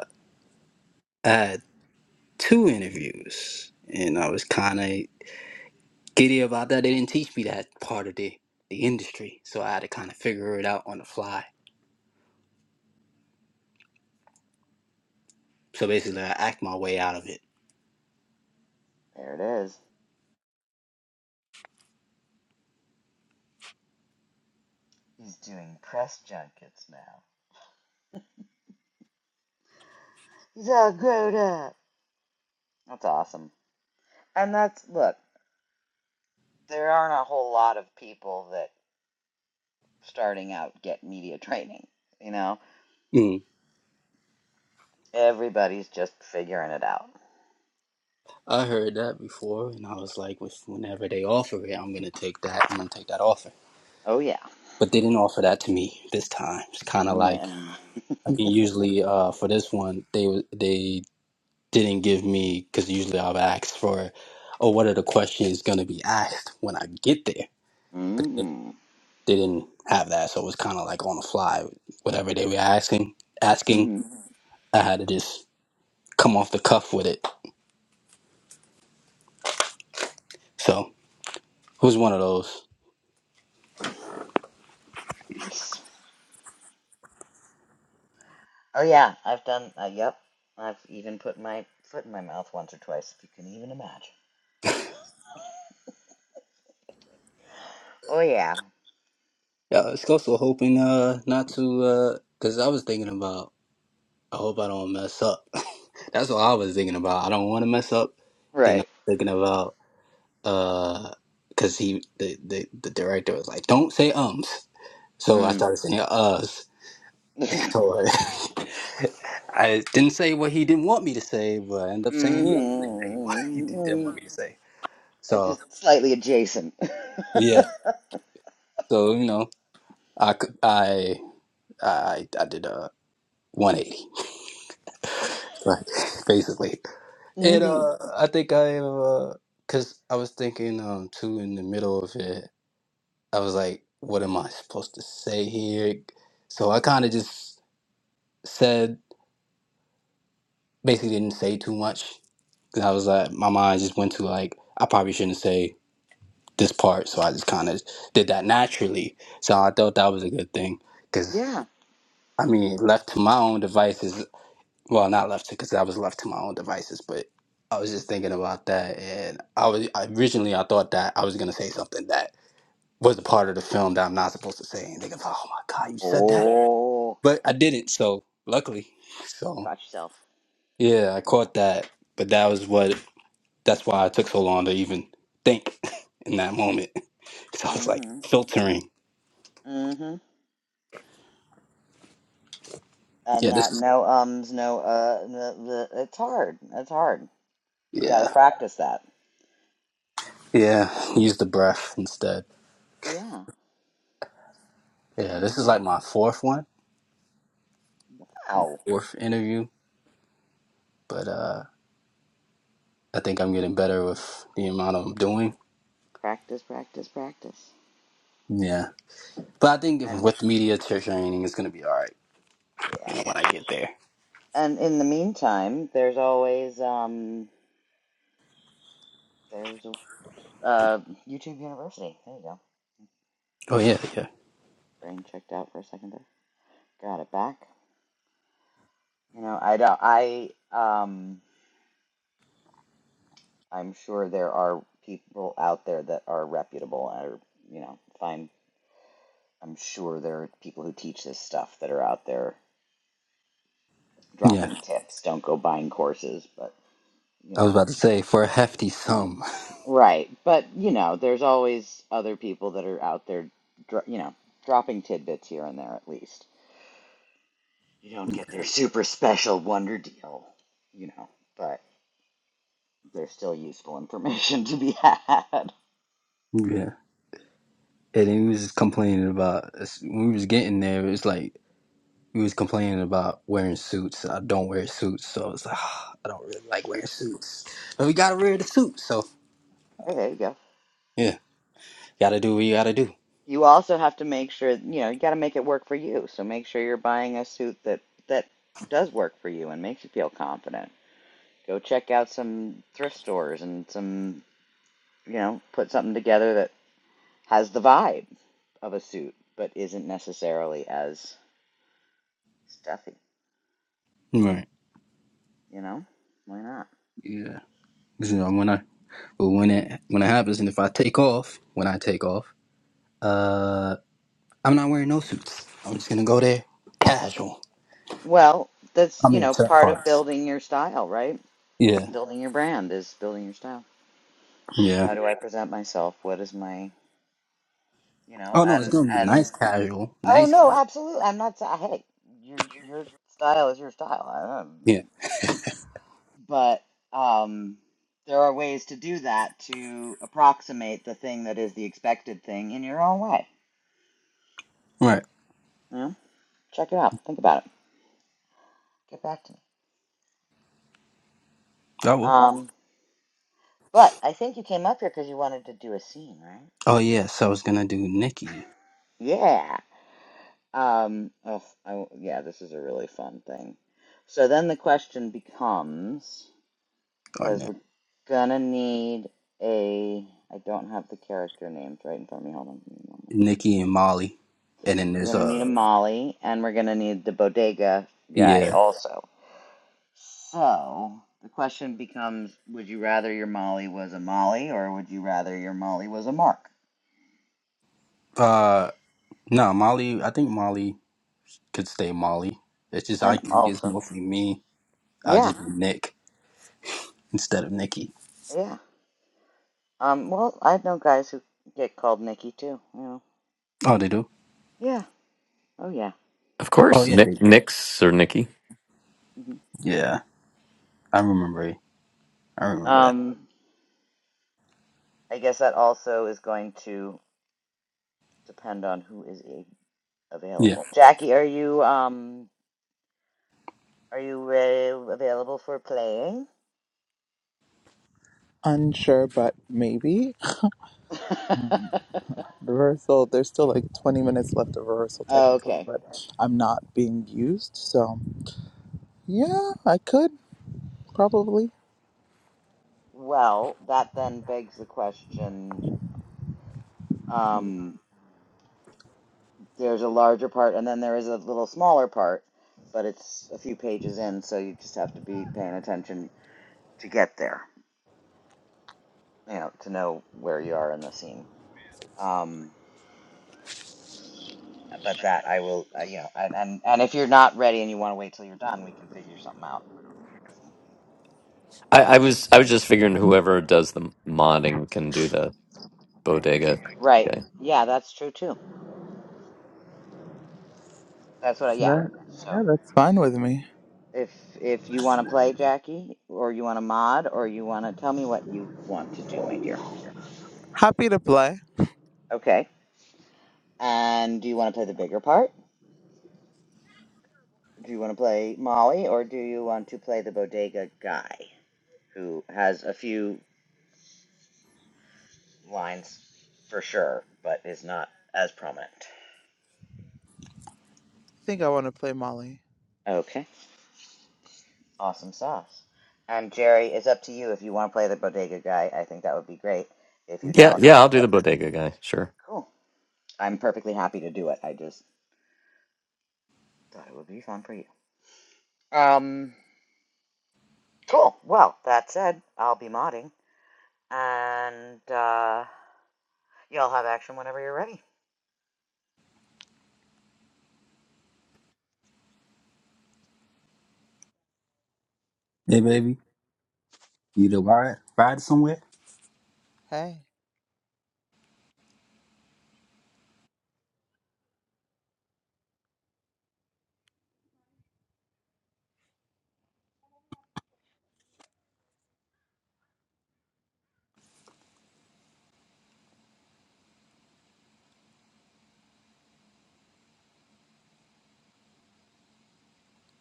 I had two interviews and I was kinda giddy about that. They didn't teach me that part of the the industry. So I had to kinda figure it out on the fly. So basically I act my way out of it. There it is. He's doing press junkets now. He's all grown up. That's awesome. And that's look. There aren't a whole lot of people that starting out get media training. You know, Mm. everybody's just figuring it out. I heard that before, and I was like, "With- whenever they offer it, I'm gonna take that. I'm gonna take that offer. Oh yeah. But they didn't offer that to me this time. It's kind of like No. I mean, usually uh, for this one, they they didn't give me because usually I've asked for, oh, what are the questions gonna be asked when I get there? Mm. They didn't have that, so it was kind of like on the fly. Whatever they were asking, asking, Mm-hmm. I had to just come off the cuff with it. So it was one of those. Nice. Oh yeah, I've done. Uh, yep, I've even put my foot in my mouth once or twice, if you can even imagine. Oh yeah, Yeah, I was also hoping uh not to uh, cause I was thinking about I hope I don't mess up. That's what I was thinking about. I don't want to mess up. Then I'm right. thinking about uh, cause he the, the the director was like, don't say ums. So I Mm. started saying uhs. So uh, I didn't say what he didn't want me to say, but I ended up saying the other thing that he wanted, he didn't mm want me to say. It's So just slightly adjacent. yeah, so you know, I could I I I did a 180, right? Basically. It hmm uh, I think I uh, cause I was thinking um too in the middle of it. I was like, what am I supposed to say here? So I kind of just said, basically didn't say too much. 'Cause I was like, my mind just went to like, I probably shouldn't say this part. So I just kind of did that naturally. So I thought that was a good thing. Cause Yeah. I mean, left to my own devices, well, not left to because I was left to my own devices, but I was just thinking about that, and I was I, originally I thought that I was gonna say something that was a part of the film that I'm not supposed to say, and they go, "Oh my god, you said that," Oh, but I didn't. So luckily, so caught yourself. yeah, I caught that, but that was what that's why I took so long to even think in that moment because I was like hmm filtering. hmm And Yeah, this that is no ums, no uh, the, the, it's hard. It's hard. You got to yeah practice that. yeah. Use the breath instead. Yeah. Yeah, this is Exactly. like my fourth one, Wow. fourth interview, but uh. I think I'm getting better with the amount I'm doing. Practice, practice, practice. Yeah. But I think if, And with media t- training, it's going to be all right, you yeah. know, when I get there. And in the meantime, there's always um there's uh YouTube University. There you go. Oh, yeah, yeah. Brain checked out for a second there. Got it back. You know, I don't I um I'm sure there are people out there that are reputable or you know, find I'm sure there are people who teach this stuff that are out there Yeah. dropping tips. Don't go buying courses, but you I was know. about to say, for a hefty sum. Right. But you know, there's always other people that are out there you know, dropping tidbits here and there at least You don't get their super special wonder deal, you know, but there's still useful information to be had. Yeah. And he was just complaining about, when we was getting there, it was like, he was complaining about wearing suits. I don't wear suits, so it's like, "Ah, I don't really like wearing suits. But we got to wear the suit, so. Hey, there you go. Yeah. Got to do what you got to do. You also have to make sure, you know, you got to make it work for you. So make sure you're buying a suit that that does work for you and makes you feel confident. Go check out some thrift stores and some, you know, put something together that has the vibe of a suit but isn't necessarily as stuffy, Right. you know? Why not? Yeah. 'Cause, You know, when I, but when it, when it happens, and if I take off, when I take off, Uh, I'm not wearing no suits. I'm just gonna go there casual. Well, that's, I you mean, know, certain part of parts. building your style, right? Yeah, building your brand is building your style. yeah. How do I present myself? What is my, you know, Oh no, it's and gonna be and nice casual. oh Nice. no, ca- absolutely. I'm not hey, your your style is your style. I Yeah. don't- but um there are ways to do that to approximate the thing that is the expected thing in your own way. Right. You know? Check it out. Think about it. Get back to me. I will. Um but I think you came up here because you wanted to do a scene, right? Oh yeah. So I was gonna do Nikki Yeah. Um, oh, I, yeah, this is a really fun thing. So then the question becomes, or because Nick, we're gonna need a, I don't have the character names right in front of me. Hold on, a moment. Nikki and Molly, and then We're there's gonna need a uh Molly, and we're gonna need the bodega guy yeah. also. So the question becomes, would you rather your Molly was a Molly, or would you rather your Molly was a Mark? Uh no, Molly. I think Molly could stay Molly. It's just I And think it's also, mostly me. I'll yeah, just be Nick instead of Nikki. yeah. Um, well, I know guys who get called Nikki too. You know, Oh, they do. yeah. Oh yeah. Of Oh course, yeah, they Nick, do. Nick's or Nikki. hmm Yeah, I remember. it. I remember that. Um, I guess that also is going to depend on who is a- Yeah. available. Jackie, are you um are you uh, available for playing? Unsure, but maybe. Rehearsal, there's still like 20 minutes left of rehearsal technically, okay. but I'm not being used, so. Yeah, I could probably. Well, that then begs the question. Um, there's a larger part, and then there is a little smaller part, but it's a few pages in, so you just have to be paying attention to get there. You know, to know where you are in the scene. Um, but that I will, uh, you know, and, and and if you're not ready and you want to wait till you're done, we can figure something out. I, I was I was just figuring whoever does the modding can do the bodega Right? guy. Yeah, that's true too. That's what. I, yeah. That yeah, So that's fine with me. if if you want to play, Jackie, or you want to mod, or you want to tell me what you want to do, my dear. Happy to play. Okay. And do you want to play the bigger part? Do you want to play Molly, or do you want to play the bodega guy who has a few lines for sure, but is not as prominent? I think I want to play Molly. Okay. Awesome sauce. And Jerry, it's up to you if you want to play the bodega guy. I think that would be great. If you Yeah, don't, yeah, I'll do the that's bodega guy. Sure. cool. I'm perfectly happy to do it. I just thought it would be fun for you. Um, cool. Well, that said, I'll be modding, and uh, y'all have action whenever you're ready. Hey, baby. You to ride ride somewhere? Hey,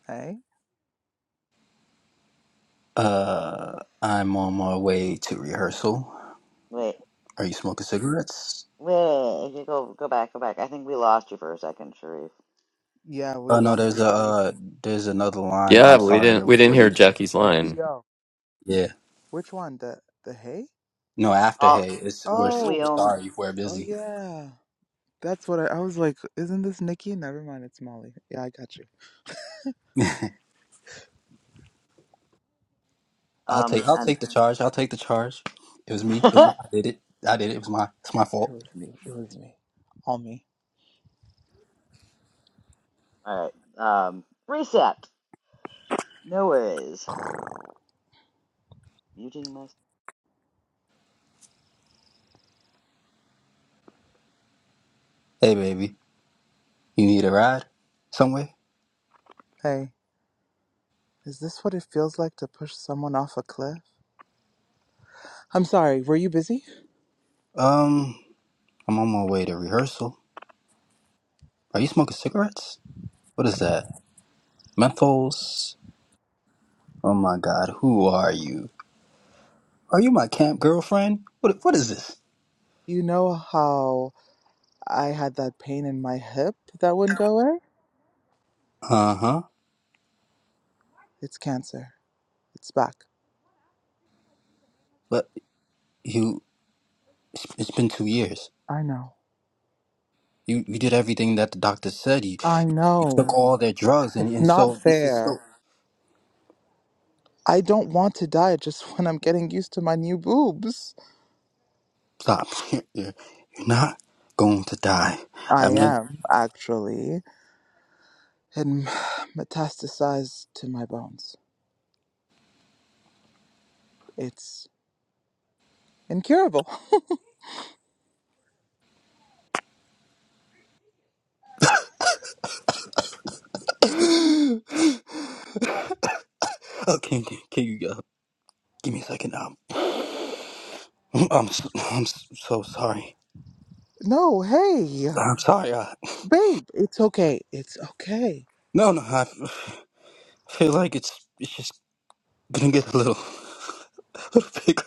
hey. Uh, I'm on my way to rehearsal. Wait, Are you smoking cigarettes? wait, go, go back, go back. I think we lost you for a second, Sharif. Yeah, we Oh no, lost you, there's a Sharif. uh, there's another line. Yeah, I'm we didn't sorry. we didn't Were hear you? Jackie's The line. VO. Yeah. Which one? The the hey? No, after All hey, it's we're we s- we Oh, own. sorry. We're oh busy. yeah. That's what I, I was like. Isn't this Nikki? Never mind, it's Molly. Yeah, I got you. I'll Um, take I'll and take the charge. I'll take the charge. It was me. It's, all I did it. I did it. It was my it's my It fault. was me. It was me. All me. right. Um, reset. No worries. Muting myself. Hey baby, you need a ride somewhere? Hey, is this what it feels like to push someone off a cliff? I'm sorry. Were you busy? Um, I'm on my way to rehearsal. Are you smoking cigarettes? What is that? Menthols? Oh my God, who are you? Are you my camp girlfriend? What what is this? You know how? I had that pain in my hip that wouldn't go away. Uh huh. It's cancer. It's back. But you, it's it's been two years. I know. You you did everything that the doctor said. You, I you took know. all their drugs, and It's and not so this is so. fair. I don't want to die just when I'm getting used to my new boobs. Stop. You're, you're you're not going to die. I I won't. am, actually. And metastasized to my bones. It's incurable. oh, can can can you uh, give me a second? Um, I'm I'm so, I'm so sorry. No, hey, I'm sorry. Uh, babe, it's okay. It's okay. no, no. I feel like it's it's just gonna get a little little bigger.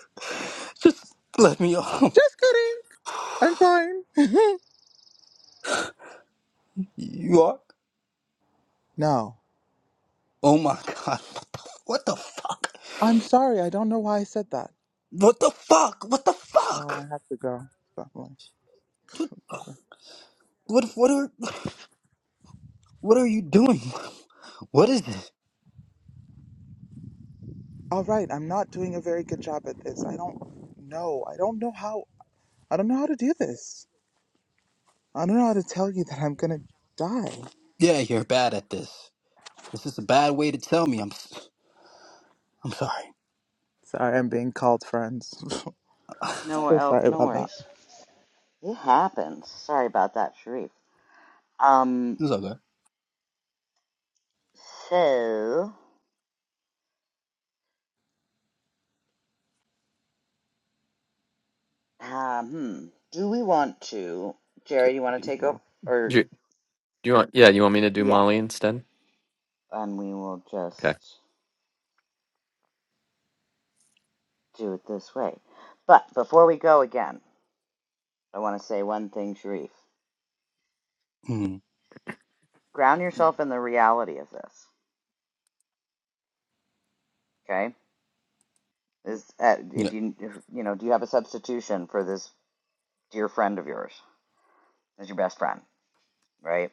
Just let me off. Just kidding. I'm fine. You are? no, Oh my god. What the fuck? I'm sorry. I don't know why I said that. What the fuck? What the Oh, fuck? I have to go. Probably. What what are what are you doing? What is this? All right, I'm not doing a very good job at this. I don't know. I don't know how. I don't know how to do this. I don't know how to tell you that I'm gonna die. Yeah, you're bad at this. This is a bad way to tell me. I'm s- I'm sorry. Sorry, I'm being called friends. No, so oh, sorry no about that. worries. It happens. Sorry about that, Sharif. Um, It's okay. so, um, hmm, do we want to, Jerry? You want to Do take over, or you, do you want? Yeah, you want me to do yeah, Molly instead? and we will Okay. just do it this way. But before we go again, I want to say one thing, Sharif. Mm, Ground yourself in the reality of this. Okay, is uh, yeah, if you if, you know, do you have a substitution for this dear friend of yours as your best friend, right?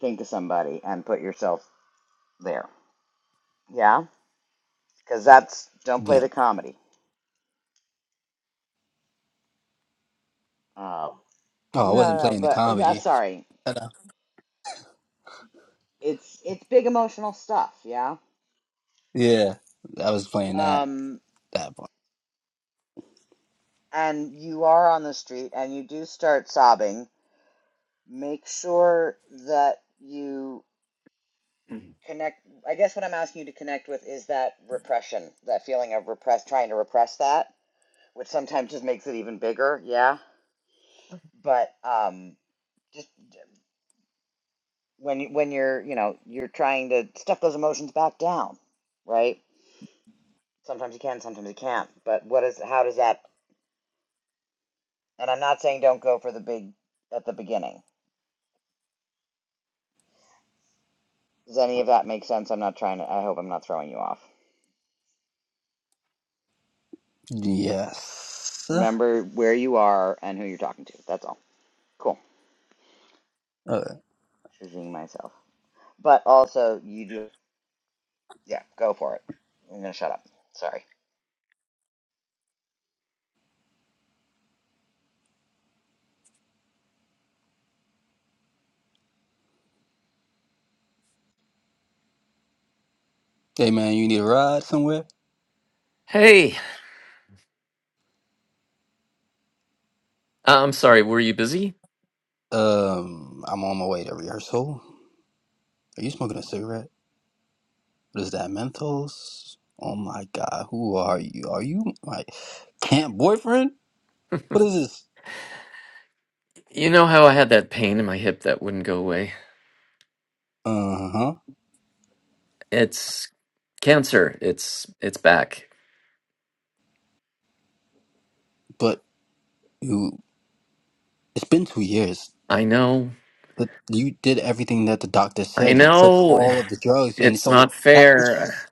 Think of somebody and put yourself there Yeah, because that's don't play yeah. the comedy. Um, Oh, I no, wasn't no, no, playing the but i comedy. sorry. Hello. It's it's big emotional stuff. Yeah. Yeah, I was playing that Um, that part. and you are on the street and you do start sobbing. Make sure that you connect. I guess what I'm asking you to connect with is that repression, that feeling of repress, trying to repress that, which sometimes just makes it even bigger. Yeah. But um, just when you- when you're you know you're trying to stuff those emotions back down, right? Sometimes you can, sometimes you can't. But what is how does that? And I'm not saying don't go for the big at the beginning. Does any of that make sense? I'm not trying to. I hope I'm not throwing you off. Yes. Remember where you are and who you're talking to. That's all. Cool. Okay. Shizing myself. But also, you do. Yeah, go for it. I'm gonna shut up. Sorry. Hey man, you need a ride somewhere? Hey. Uh, I'm sorry, were you busy? Um, I'm on my way to rehearsal. Are you smoking a cigarette? Is that Mentos? Oh my God, who are you? Are you my camp boyfriend? What is this? You know how I had that pain in my hip that wouldn't go away? Uh huh. It's cancer. It's it's back. But you, it's been two years. I know. But you did everything that the doctor I said. You took know. all of the drugs, and It's so not that this fair. is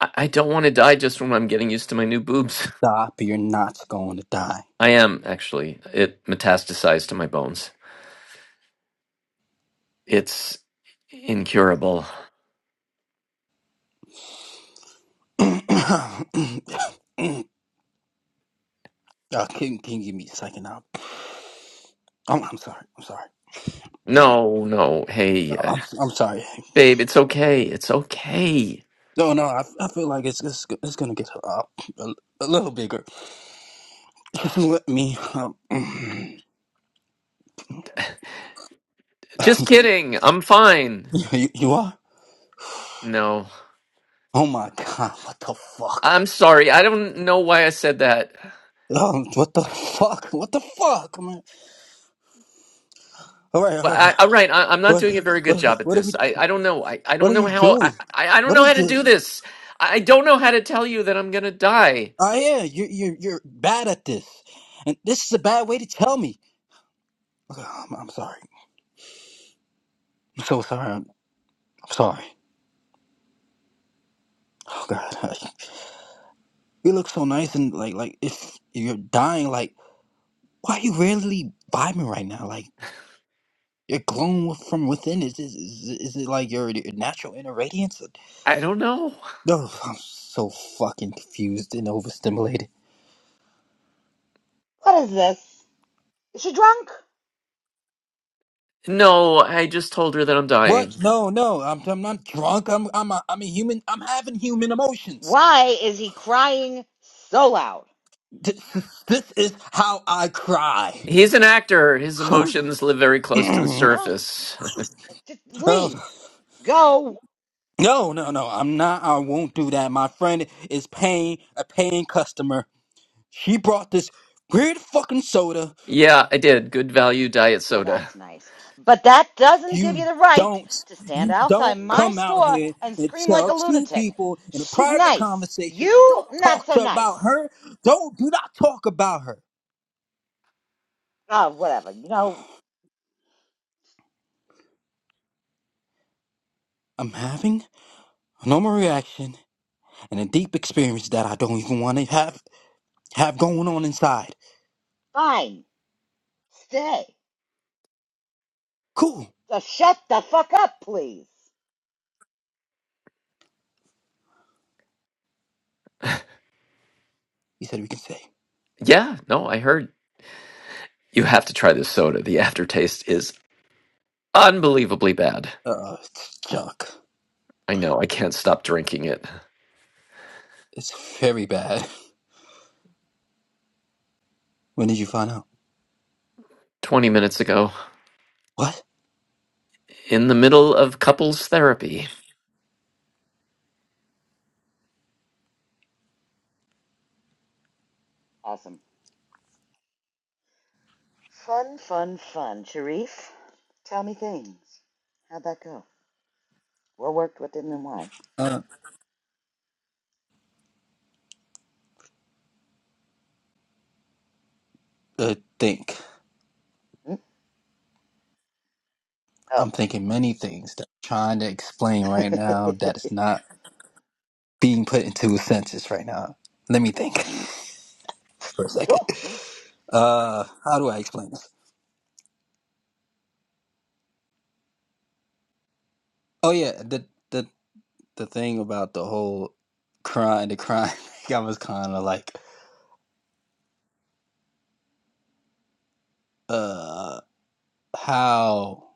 I, I don't want to die just when I'm getting used to my new boobs. stop. You're not going to die. I am actually. It metastasized to my bones. It's incurable. uh, can, can you give me a second now? I'm, I'm sorry. I'm sorry. No, no. Hey, No, uh, I'm, I'm sorry. babe, it's okay. It's okay. No, no. I, I feel like it's it's, it's gonna get uh, a, a little bigger. Let me. Um, you, Just kidding. I'm fine. you are? No. Oh my god, what the fuck? I'm sorry. I don't know why I said that. Um, what the fuck? What the fuck, man? Alright, Well, alright. I, all right. I, I'm not What, doing a very good what, job at what are we, this. I, I don't know. I, I what don't are know you how. I, doing? I, I don't What know how is to this? do this. I don't know how to tell you that I'm going to die. Oh yeah, you're, you're, you're bad at this. And this is a bad way to tell me. Okay, I'm, I'm sorry. I'm so sorry. I'm sorry. Oh god. You look so nice and like, like, if you're dying, like, why are you really vibing right now? Like, You're glowing with- from within. Is is is, is it like your, your natural inner radiance? I don't know. No, I'm so fucking confused and overstimulated. What is this? Is she drunk? No, I just told her that I'm dying. What? No, no, I'm I'm not drunk. I'm I'm a, I'm a human. I'm having human emotions. Why is he crying so loud? This, this is how I cry. He's an actor. His emotions live very close to the oh, Huh? surface. Just no, leave. Go. no, no, I'm not. I won't do that. My friend is paying a paying customer. She brought this weird fucking soda yeah, I did. Good value diet Well, soda. that's nice. But that doesn't give you You the right don't to stand you outside don't my come out store here and and scream like tell a two lunatic. people in a She's private nice. conversation, You, don't not talk so to about nice. her. Don't do not talk about her. Oh, whatever. You know, I'm having a normal reaction and a deep experience that I don't even want to have have going on inside. fine. Stay. Cool, Just shut the fuck up, please. he said we can say. Yeah, no, I heard. You have to try this soda. The aftertaste is unbelievably bad. Uh it's junk. I know. I can't stop drinking it. It's very bad. When did you find out? 20 minutes ago. What? in the middle of couples therapy. Awesome. Fun, fun, fun. Sharif, tell me things. How'd that go? What worked, what didn't, and why? Uh, uh think. Hmm? Oh. I'm thinking many things that I'm trying to explain right now that is not being put into a census right now. Let me think for a second. cool. Yeah. Uh, how do I explain this? Oh yeah, the the the thing about the whole crime, the crime. I was kind of like, uh, how?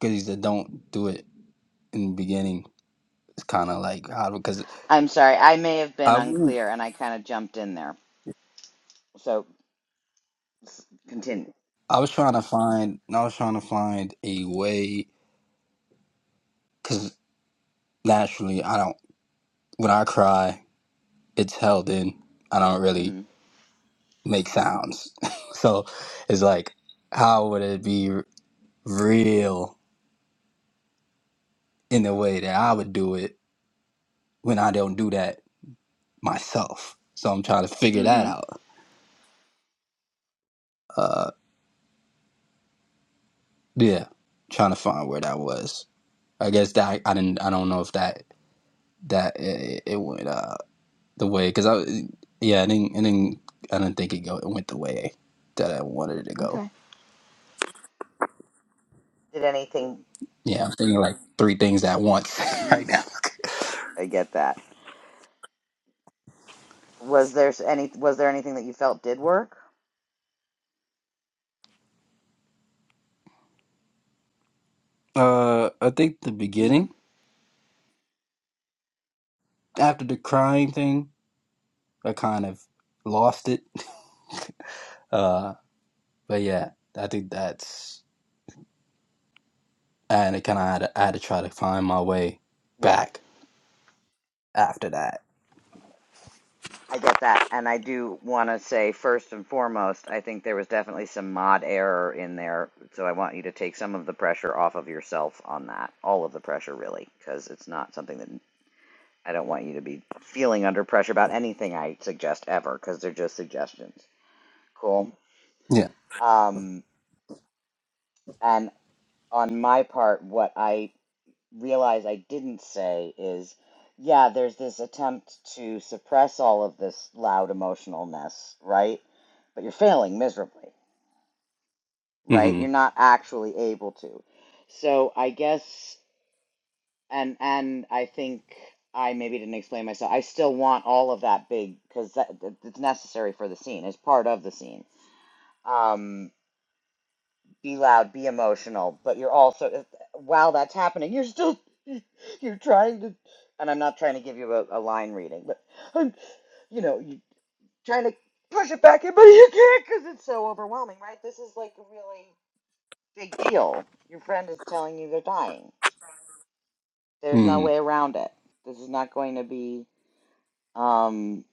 Because he said don't do it in the beginning. It's kind of like how because I'm sorry. I may have been I wouldn't- unclear and I kind of jumped in there. So S- Continue. I was trying to find I was trying to find a way because naturally I don't when I cry it's held in. I don't really Mm make sounds. so it's like, how would it be r- real in the way that I would do it when I don't do that myself? So I'm trying to hmm. figure Mm that hmm. out. Uh, yeah, trying to find where that was. I guess that I didn't. I don't know if that that eh, it, it went uh the way because I yeah I didn't I didn't I didn't think it go it went the way that I wanted it to go. Okay. Did anything? Yeah, I'm thinking like three things at once right now. I get that. Was there s- any? Was there anything that you felt did work? Uh, I think the Mm beginning hmm. after the crying thing, I kind of lost it. Uh, but yeah, I think that's and it kind of I had, to, I had to try to find my way Yeah. back after that. I get that, and I do want to say first and foremost, I think there was definitely some mod error in there, so I want you to take some of the pressure off of yourself on that, all of the pressure really, because it's not something that I don't want you to be feeling under pressure about anything I suggest ever, because they're just suggestions. Cool. Yeah. Um, and on my part, what I realize I didn't say is, yeah, there's this attempt to suppress all of this loud emotionalness, right? But you're failing miserably, right? You're Mm-hmm. not actually able to. So I guess, and and I think I maybe didn't explain myself. I still want all of that big because that, that- it's necessary for the scene. It's part of the scene. Um, be loud, be emotional, but you're also while that's happening, you're still you're trying to and I'm not trying to give you a, a line reading, but I'm, you know, you are trying to push it back in, but you can't because it's so overwhelming, right? This is like a really big deal. Your friend is telling you they're dying. There's no way Mm-hmm. around it. This is not going to be um,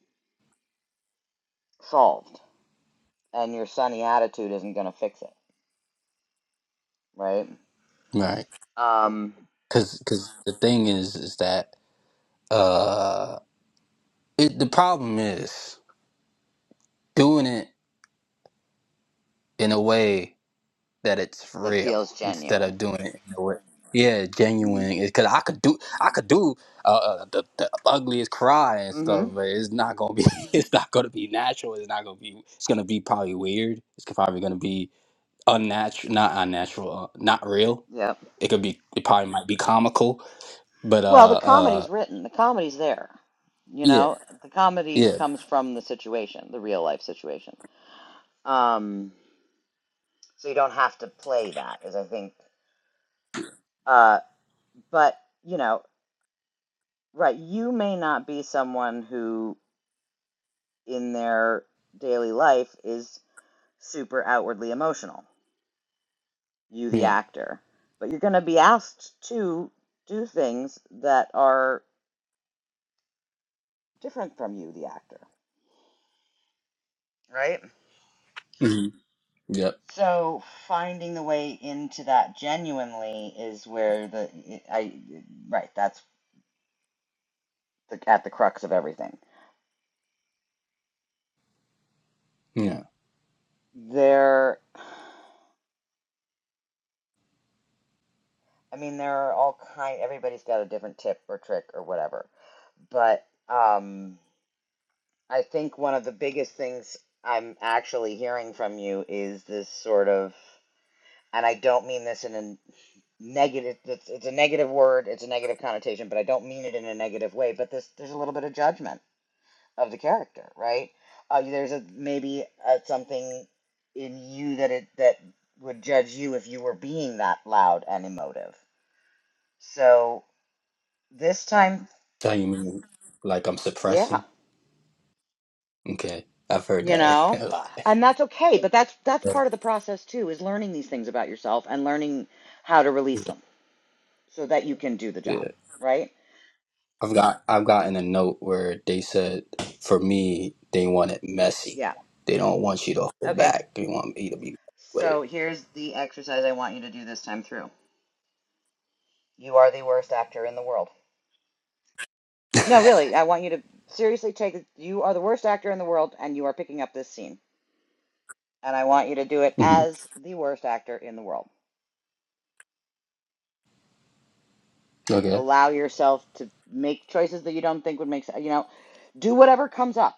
solved, and your sunny attitude isn't going to fix it, right? Right. Um, Because because the thing is is that uh, it the problem is doing it in a way. that it's for that real feels instead genuine. of doing it in a way. Yeah, Mm-hmm. genuine. Because I could do, I could do uh, uh, the, the ugliest cry and Mm-hmm. stuff, but it's not gonna be, it's not gonna be natural. It's not gonna be. It's gonna be probably weird. It's probably gonna be unnatural, not unnatural, uh, not real. Yeah. It could be. It probably might be comical, but Well, the uh, uh, comedy's written. The comedy's there. You yeah, know, the comedy yeah, comes from the situation, the real life situation. Um, so you don't have to play that, as I think. Uh, but you know, right? You may not be someone who, in their daily life, is super outwardly emotional. You, the yeah, actor, but you're going to be asked to do things that are different from you, the actor, right? hmm yep, So finding the way into that genuinely is where the I right that's the, at the crux of everything. yeah. There, I mean, there are all kind. Everybody's got a different tip or trick or whatever, but um, I think one of the biggest things I'm actually hearing from you is this sort of, and I don't mean this in a negative. It's, it's a negative word. It's a negative connotation, but I don't mean it in a negative way. But this, there's a little bit of judgment of the character, right? Uh, there's a maybe uh something in you that it that would judge you if you were being that loud and emotive. So this time, Tell you mean like I'm yeah, suppressing? Okay, I've heard you that know, a lot. and that's okay. But that's that's part of Yeah. the process too, is learning these things about yourself and learning how to release them so that you can do the yeah. job, right? I've got I've gotten a note where they said for me they want it messy. Yeah. They don't want you to hold Okay. back. They want me to be with it. So here's the exercise I want you to do this time through. You are the worst actor in the world. No, really, I want you to seriously take it. You are the worst actor in the world, and you are picking up this scene. And I want you to do it hmm as the worst actor in the world. Okay. Allow yourself to make choices that you don't think would make sense. You know, do whatever comes up.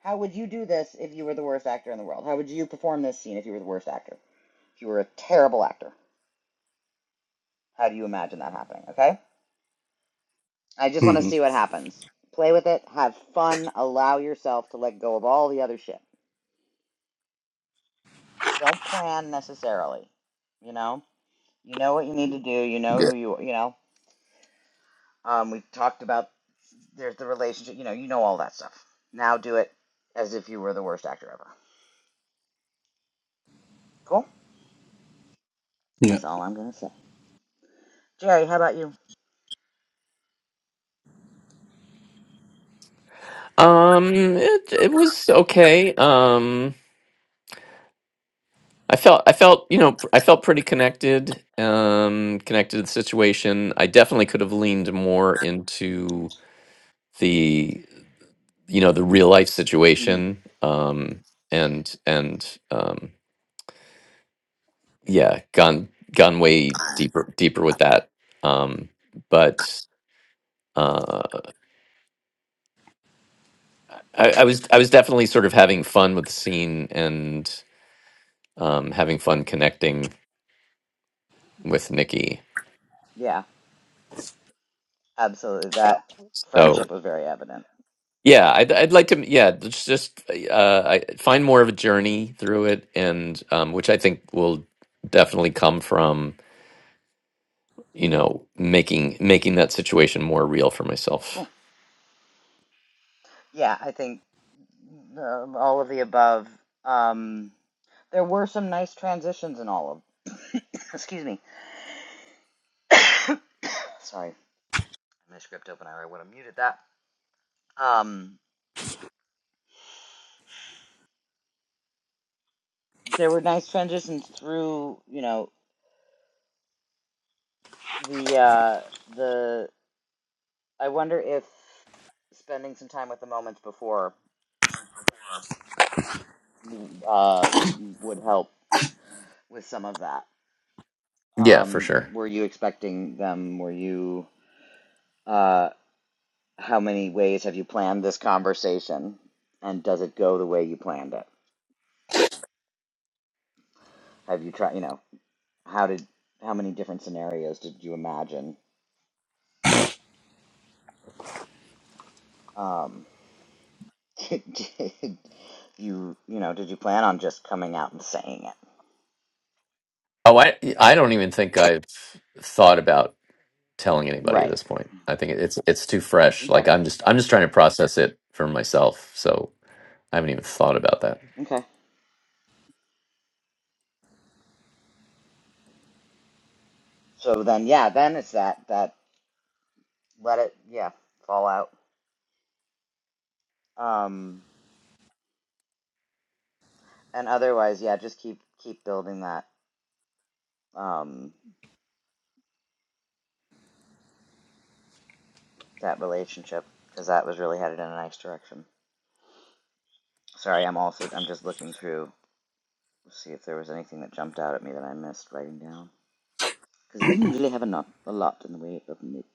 How would you do this if you were the worst actor in the world? How would you perform this scene if you were the worst actor? If you were a terrible actor, how do you imagine that happening? Okay? I just want to hmm see what happens. Play with it, have fun, allow yourself to let go of all the other shit. Don't plan necessarily, you know? You know what you need to do. You know Yeah. who you you know. Um, we talked about there's the relationship. You know, you know all that stuff. Now do it as if you were the worst actor ever. Cool. Yeah. That's all I'm gonna say. Jerry, how about you? Um, it it was okay. Um, I felt I felt you know I felt pretty connected. Um, connected to the situation. I definitely could have leaned more into the you know the real life hmm situation. Um, and and um, yeah, gone gone way deeper deeper with that. Um, but uh, I, I was I was definitely sort of having fun with the scene and. um, having fun connecting with Nikki. Yeah, absolutely. That So friendship was very evident. yeah, I'd I'd like to yeah just just uh, I find more of a journey through it, and um, which I think will definitely come from you know making making that situation more real for Cool. myself. Yeah, I think uh, all of the above. Um, there were some nice transitions in all of. excuse me. Sorry, my script open. I would have muted that. Um, there were nice transitions through. You know, The uh the I wonder if spending some time with the moments before uh would help with some of that. Yeah, for Um, sure. were you expecting them? Were you uh how many ways have you planned this conversation? And does it go the way you planned it? Have you tried, you know, how did how many different scenarios did you imagine? Um, did you, you know, did you plan on just coming out and saying it? Oh, I I don't even think I've thought about telling anybody at Right. this point. I think it's it's too fresh. Okay. Like I'm just I'm just trying to process it for myself. So I haven't even thought about that. So then, yeah, then it's that that let it yeah fall out. Um, and otherwise, yeah, just keep keep building that um that relationship because that was really headed in a nice direction. Sorry, I'm also I'm just looking through to see if there was anything that jumped out at me that I missed writing down because it didn't really have a lot a lot in the way of notes.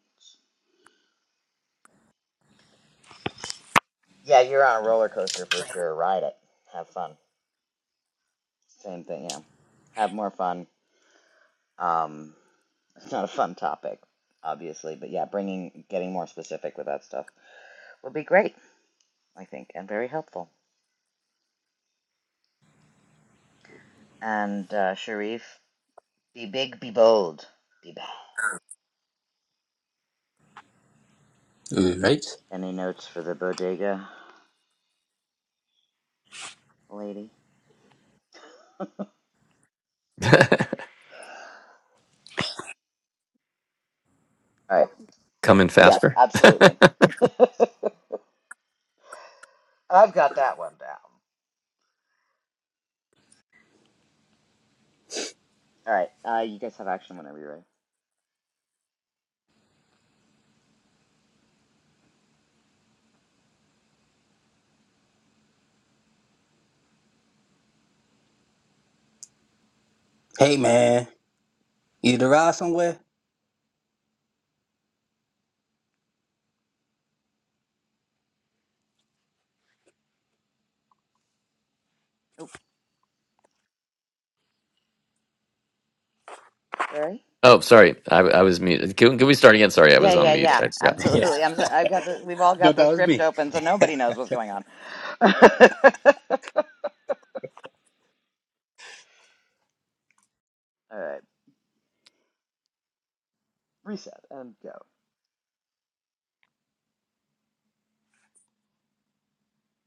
Yeah, you're on a roller coaster for sure. Ride it, have fun. Same thing, yeah. Have more fun. Um, It's not a fun topic, obviously, but yeah, bringing, getting more specific with that stuff would be great, I think, and very helpful. And uh, Sharif, be big, be bold, be bad. Uh, Right. Any notes for the bodega lady? All right. Come in Yeah, faster. absolutely. I've got that one down. All right. Uh, you guys have action whenever you're ready. Hey man, you need to ride somewhere? Oh, Jerry. oh, sorry. I, I was muted. Can, can we start again? Sorry, I was Yeah, on yeah, mute. yeah. I forgot. Yeah. Absolutely. I'm sorry. I've got the. We've all No, got the that was script me. open, so nobody knows what's going on. all right. Reset and go.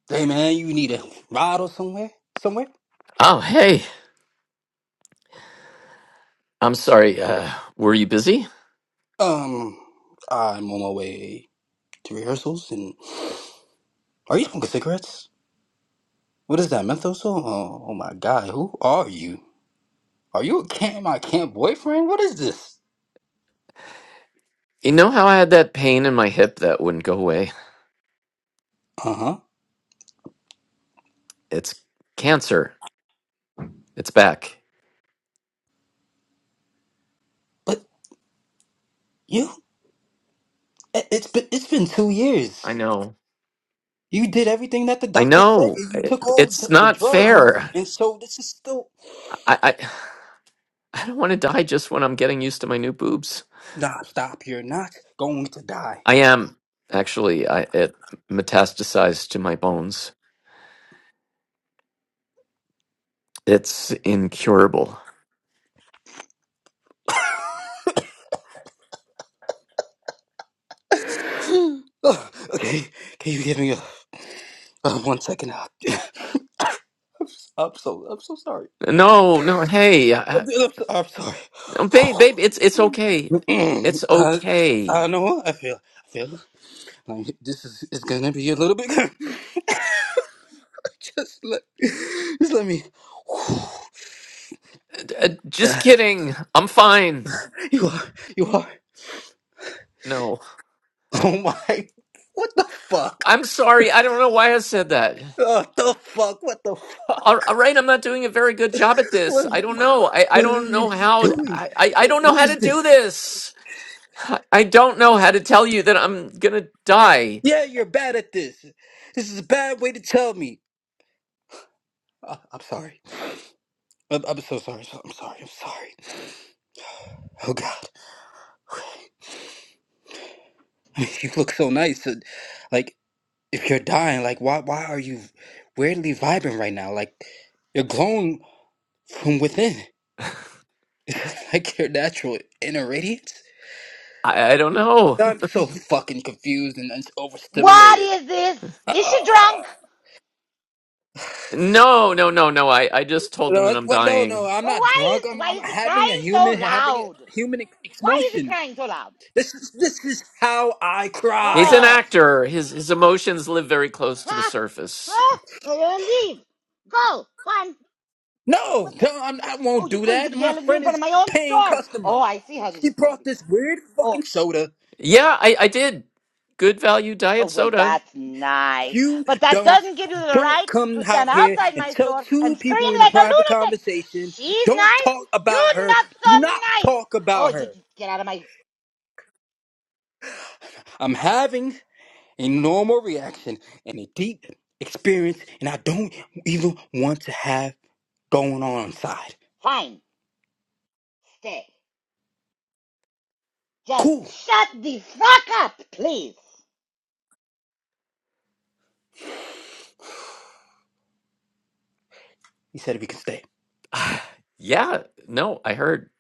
Hey man, you need a ride or somewhere? Somewhere? Oh, hey. I'm sorry. Uh, were you busy? Um, I'm on my way to rehearsals. And are you smoking cigarettes? What is that menthol? So, oh, oh my god, who are you? Are you a camp my camp boyfriend? What is this? You know how I had that pain in my hip that wouldn't go away? Uh-huh. It's cancer. It's back. But you, it- has been it's been two I years. know. You did everything that the I doctor said. know. You you It, took all it's the, the not drugs, and, fair. and so this is still. I, I I don't want to die just when I'm getting used to my new boobs. Nah, stop. You're not going to die. I am actually. I it metastasized to my bones. It's incurable. Ugh, okay, can you give me a, uh, one second? Uh, I'm, s- I'm so I'm so sorry. No, no. Hey, uh, I'm, I'm so- I'm sorry. uh, babe, babe. It's it's okay. It's I, okay. I know what I feel. I feel like this is it's gonna be a little bit. just let just let me. Uh, uh, just kidding. I'm fine. You are, you are. No, Oh my! What the fuck? I'm sorry. I don't know why I said that. What the fuck? What the fuck? All, all right, I'm not doing a very good job at this. What? I don't know. I, I What are don't know you how. doing? I, I I don't know What how is to do this? this. I I don't know how to tell you that I'm gonna die. Yeah, you're bad at this. This is a bad way to tell me. Uh, I'm sorry. I'm, I'm so sorry. so- I'm sorry. I'm sorry. Oh God. I mean, you look so nice. uh, Like, if you're dying, like, why? Why are you weirdly vibing right now? Like, you're glowing from within. like your natural inner radiance. I, I don't know. I'm so fucking confused and, and What overstimulated. is this? Uh, Is she drunk? No, no, no, no. I, I just told him no, that it's- I'm what? No, no, dying. I'm Well, not why drunk. is I'm, why I'm is he having a crying so human, having loud? a human ex- Why is he emotion. crying so loud? This is this is how I He's cry. an Oh, actor. His his emotions live very close to the huh? surface. Huh? Uh, leave. Go. Go on. No, What the- no, I'm, I Oh, won't you're do going to that. My yell at me in friend front is of my own paying store. customer. Oh, I see how this She is going to brought be. this weird Oh, fucking soda. Yeah, I, I did. Good value oh, diet well, soda. that's nice. You But that don't doesn't give you the don't right come to stand out here outside and my tell store two and scream people in a like a private lunatic. conversation. She's Don't nice. talk about You're her. not Do not so nice. talk Oh, about you her. just get out of my. I'm having a normal reaction and a deep experience and I don't even want to have going on inside. Fine. Stay. Just Cool. shut the fuck up, please. He said we can stay. yeah, no, I heard.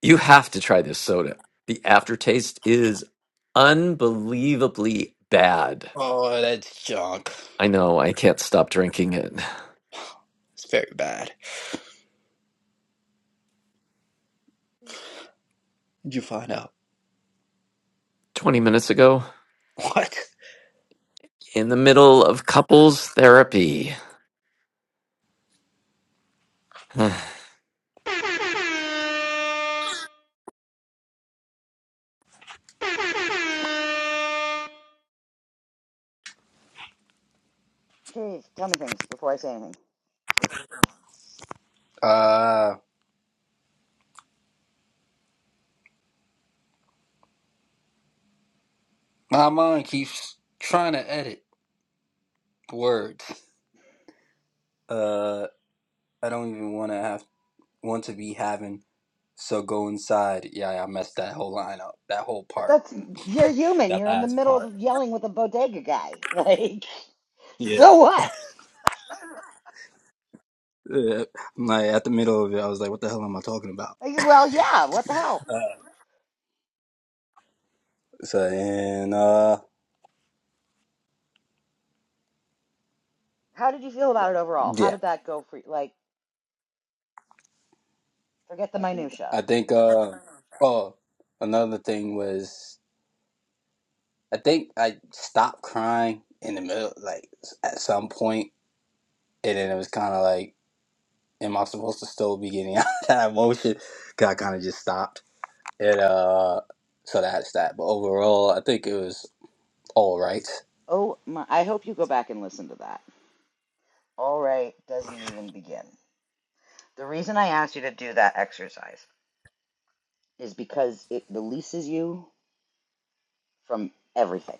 You have to try this soda. The aftertaste is unbelievably bad. Oh, that's junk. I know, I can't stop drinking it. It's very bad. Did you find out? 20 minutes ago, What? in the middle of couples therapy. Please tell me things before I say anything. Uh my mind keeps trying to edit words. Uh I don't even wanna have want to be having so go inside. Yeah, I messed that whole line up. That whole But part. that's you're human. That You're in the last middle part. of yelling with a bodega guy. Like, Yeah. so what? yeah. like at the middle of it, I was like, what the hell am I talking about? Like, well, yeah. What the hell? So and uh How did you feel about it overall? How yeah, did that go for you? Like, forget the minutia. I think uh oh another thing was I think I stopped crying in the middle like at some point and then it was kind of like am I supposed to still be getting out of that emotion? 'Cause I kind of just stopped. And uh so that's that. But overall, I think it was all right. Oh my! I hope you go back and listen to that. All right, doesn't even begin. The reason I asked you to do that exercise is because it releases you from everything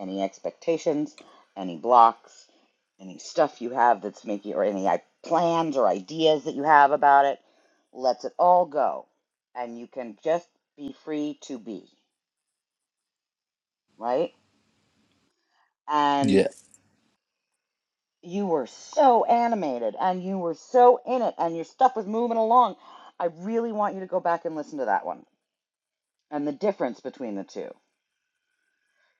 any expectations, any blocks, any stuff you have that's making, or any like, plans or ideas that you have about it. lets it all go. And you can just be free to be, right? And Yeah. you were so animated and you were so in it and your stuff was moving along. I really want you to go back and listen to that one and the difference between the two.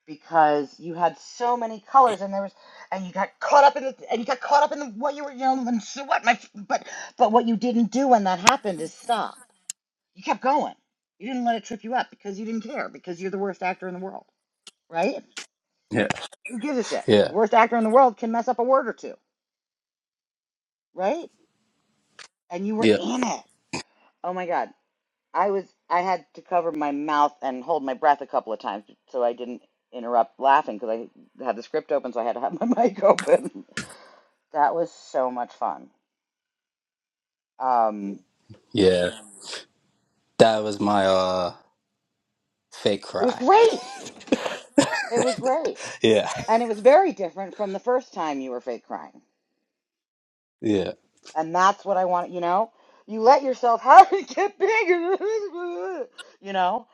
because you had so many colors and there was and you got caught up in the and you got caught up in the what you were you know and so what my but but what you didn't do when that happened is stop you kept going you didn't let it trip you up because you didn't care because you're the worst actor in the world right Yeah. who gives a shit Yeah. the worst actor in the world can mess up a word or two right and you were Yeah. in it oh my god i was i had to cover my mouth and hold my breath a couple of times so i didn't interrupt laughing because i had the script open so i had to have my mic open That was so much fun. Um, Yeah. That was my uh fake it was cry. great. It was great. Yeah. And it was very different from the first time you were fake crying. Yeah. And that's what I want, you know? You let yourself have it get bigger, you know?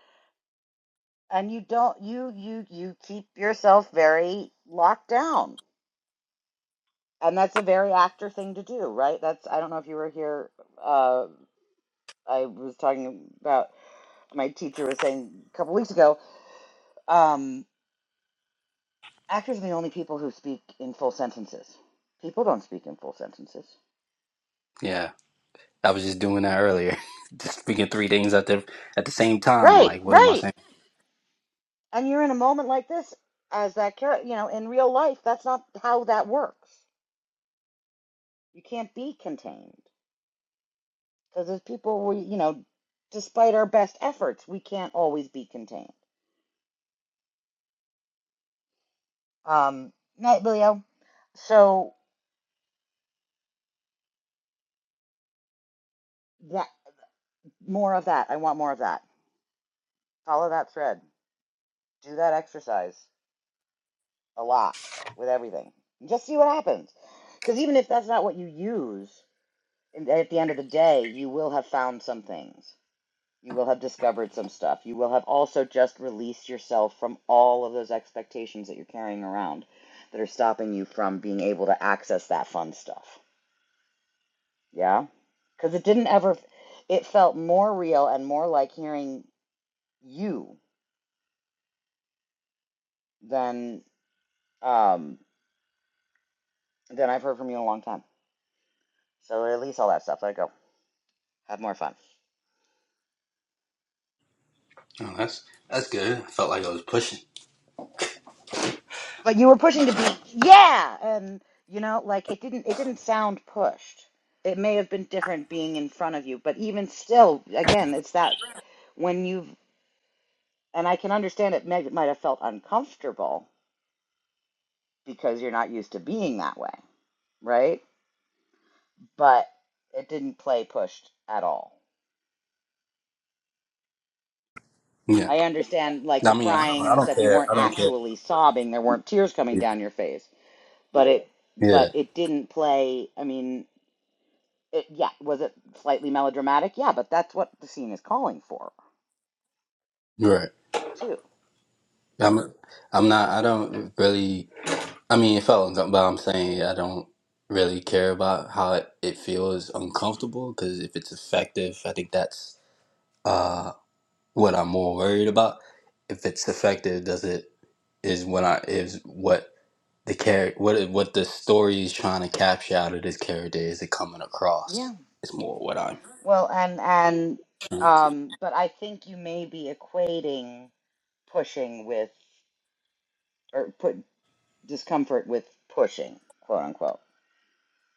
And you don't, you, you, you keep yourself very locked down. And that's a very actor thing to do, right? That's, I don't know if you were here, uh, I was talking about, my teacher was saying a couple weeks ago, um, Actors are the only people who speak in full sentences. People don't speak in full sentences. Yeah. I was just doing that earlier, just speaking three things at the at the same time. Right, Like, what am I right. saying? And you're in a moment like this as that character, you know, in real life, that's not how that works. You can't be contained because as people, we, you know, despite our best efforts, we can't always be contained. Um, night, Leo. So that more of that. I want more of that. Follow that thread. Do that exercise. a lot with everything. Just see what happens. Because even if that's not what you use, at the end of the day, you will have found some things. You will have discovered some stuff. You will have also just released yourself from all of those expectations that you're carrying around that are stopping you from being able to access that fun stuff. Yeah? Because it didn't ever, it felt more real and more like hearing you than um, than I've heard from you in a long time. So release all that stuff. Let it go. Have more fun. Oh, that's that's good. I felt like I was pushing. but you were pushing to be yeah and you know like it didn't it didn't sound pushed it may have been different being in front of you but even still again it's that when you've and i can understand it may, might have felt uncomfortable because you're not used to being that way right but it didn't play pushed at all Yeah, i understand like I the mean, I don't, crying and I the don't stuff you care. weren't I don't care. actually sobbing there weren't tears coming Yeah, down your face but it yeah. but it didn't play i mean It, yeah, was it slightly melodramatic? Yeah, but that's what the scene is calling for, you're right. too. I'm I'm not. I don't really. I mean, it felt uncomfortable. But I'm saying I don't really care about how it, it feels uncomfortable because if it's effective, I think that's uh what I'm more worried about. If it's effective, does it is when I is what the character what what the story is trying to capture out of this character is it coming across Yeah. It's more what i'm Well, and and trying to- um, but I think you may be equating pushing with or put discomfort with pushing, quote unquote,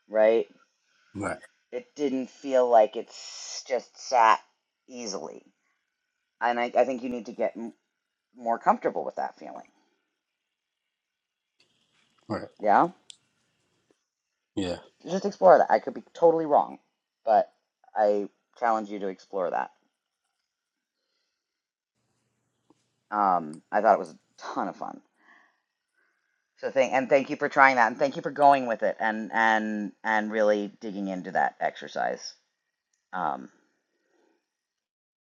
right? right It didn't feel like it's just sat easily, and I, I think you need to get m- more comfortable with that feeling. right Yeah. yeah Just explore that. I could be totally wrong, but I challenge you to explore that. Um, I thought it was a ton of fun. So thank and thank you for trying that, and thank you for going with it, and and and really digging into that exercise. Um,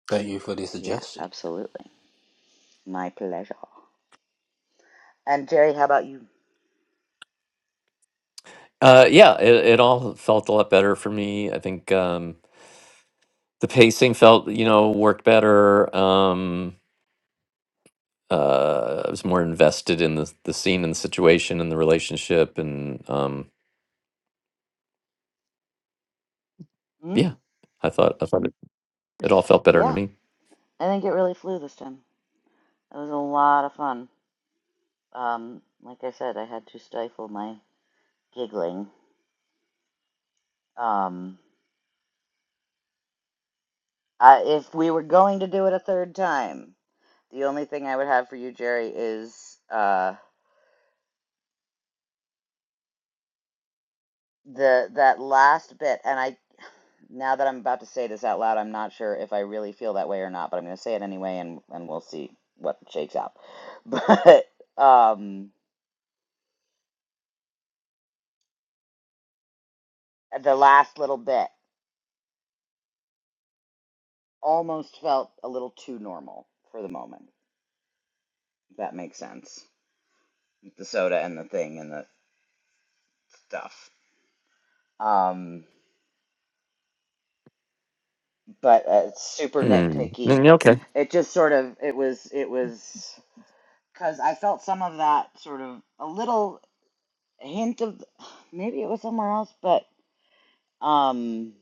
thank you for the yeah, suggestion absolutely, my pleasure. And Jerry, how about you? Uh, yeah, it, it all felt a lot better for me. I think um, the pacing felt, you know, worked better. Um, uh, I was more invested in the the scene and the situation and the relationship, and um, Hmm? yeah, I thought I thought it, it all felt better to Yeah, me. I think it really flew this time. It was a lot of fun. Um, like I said, I had to stifle my giggling. Um, I, if we were going to do it a third time, the only thing I would have for you, Jerry, is uh the that last bit and i Now that I'm about to say this out loud, I'm not sure if I really feel that way or not, but I'm going to say it anyway, and and we'll see what shakes out. But um, the last little bit almost felt a little too normal for the moment. If that makes sense. The soda and the thing and the stuff. Um, but uh, it's super Mm, nitpicky. mm, okay. It just sort of it was it was because I felt some of that sort of a little hint of maybe it was somewhere else, but um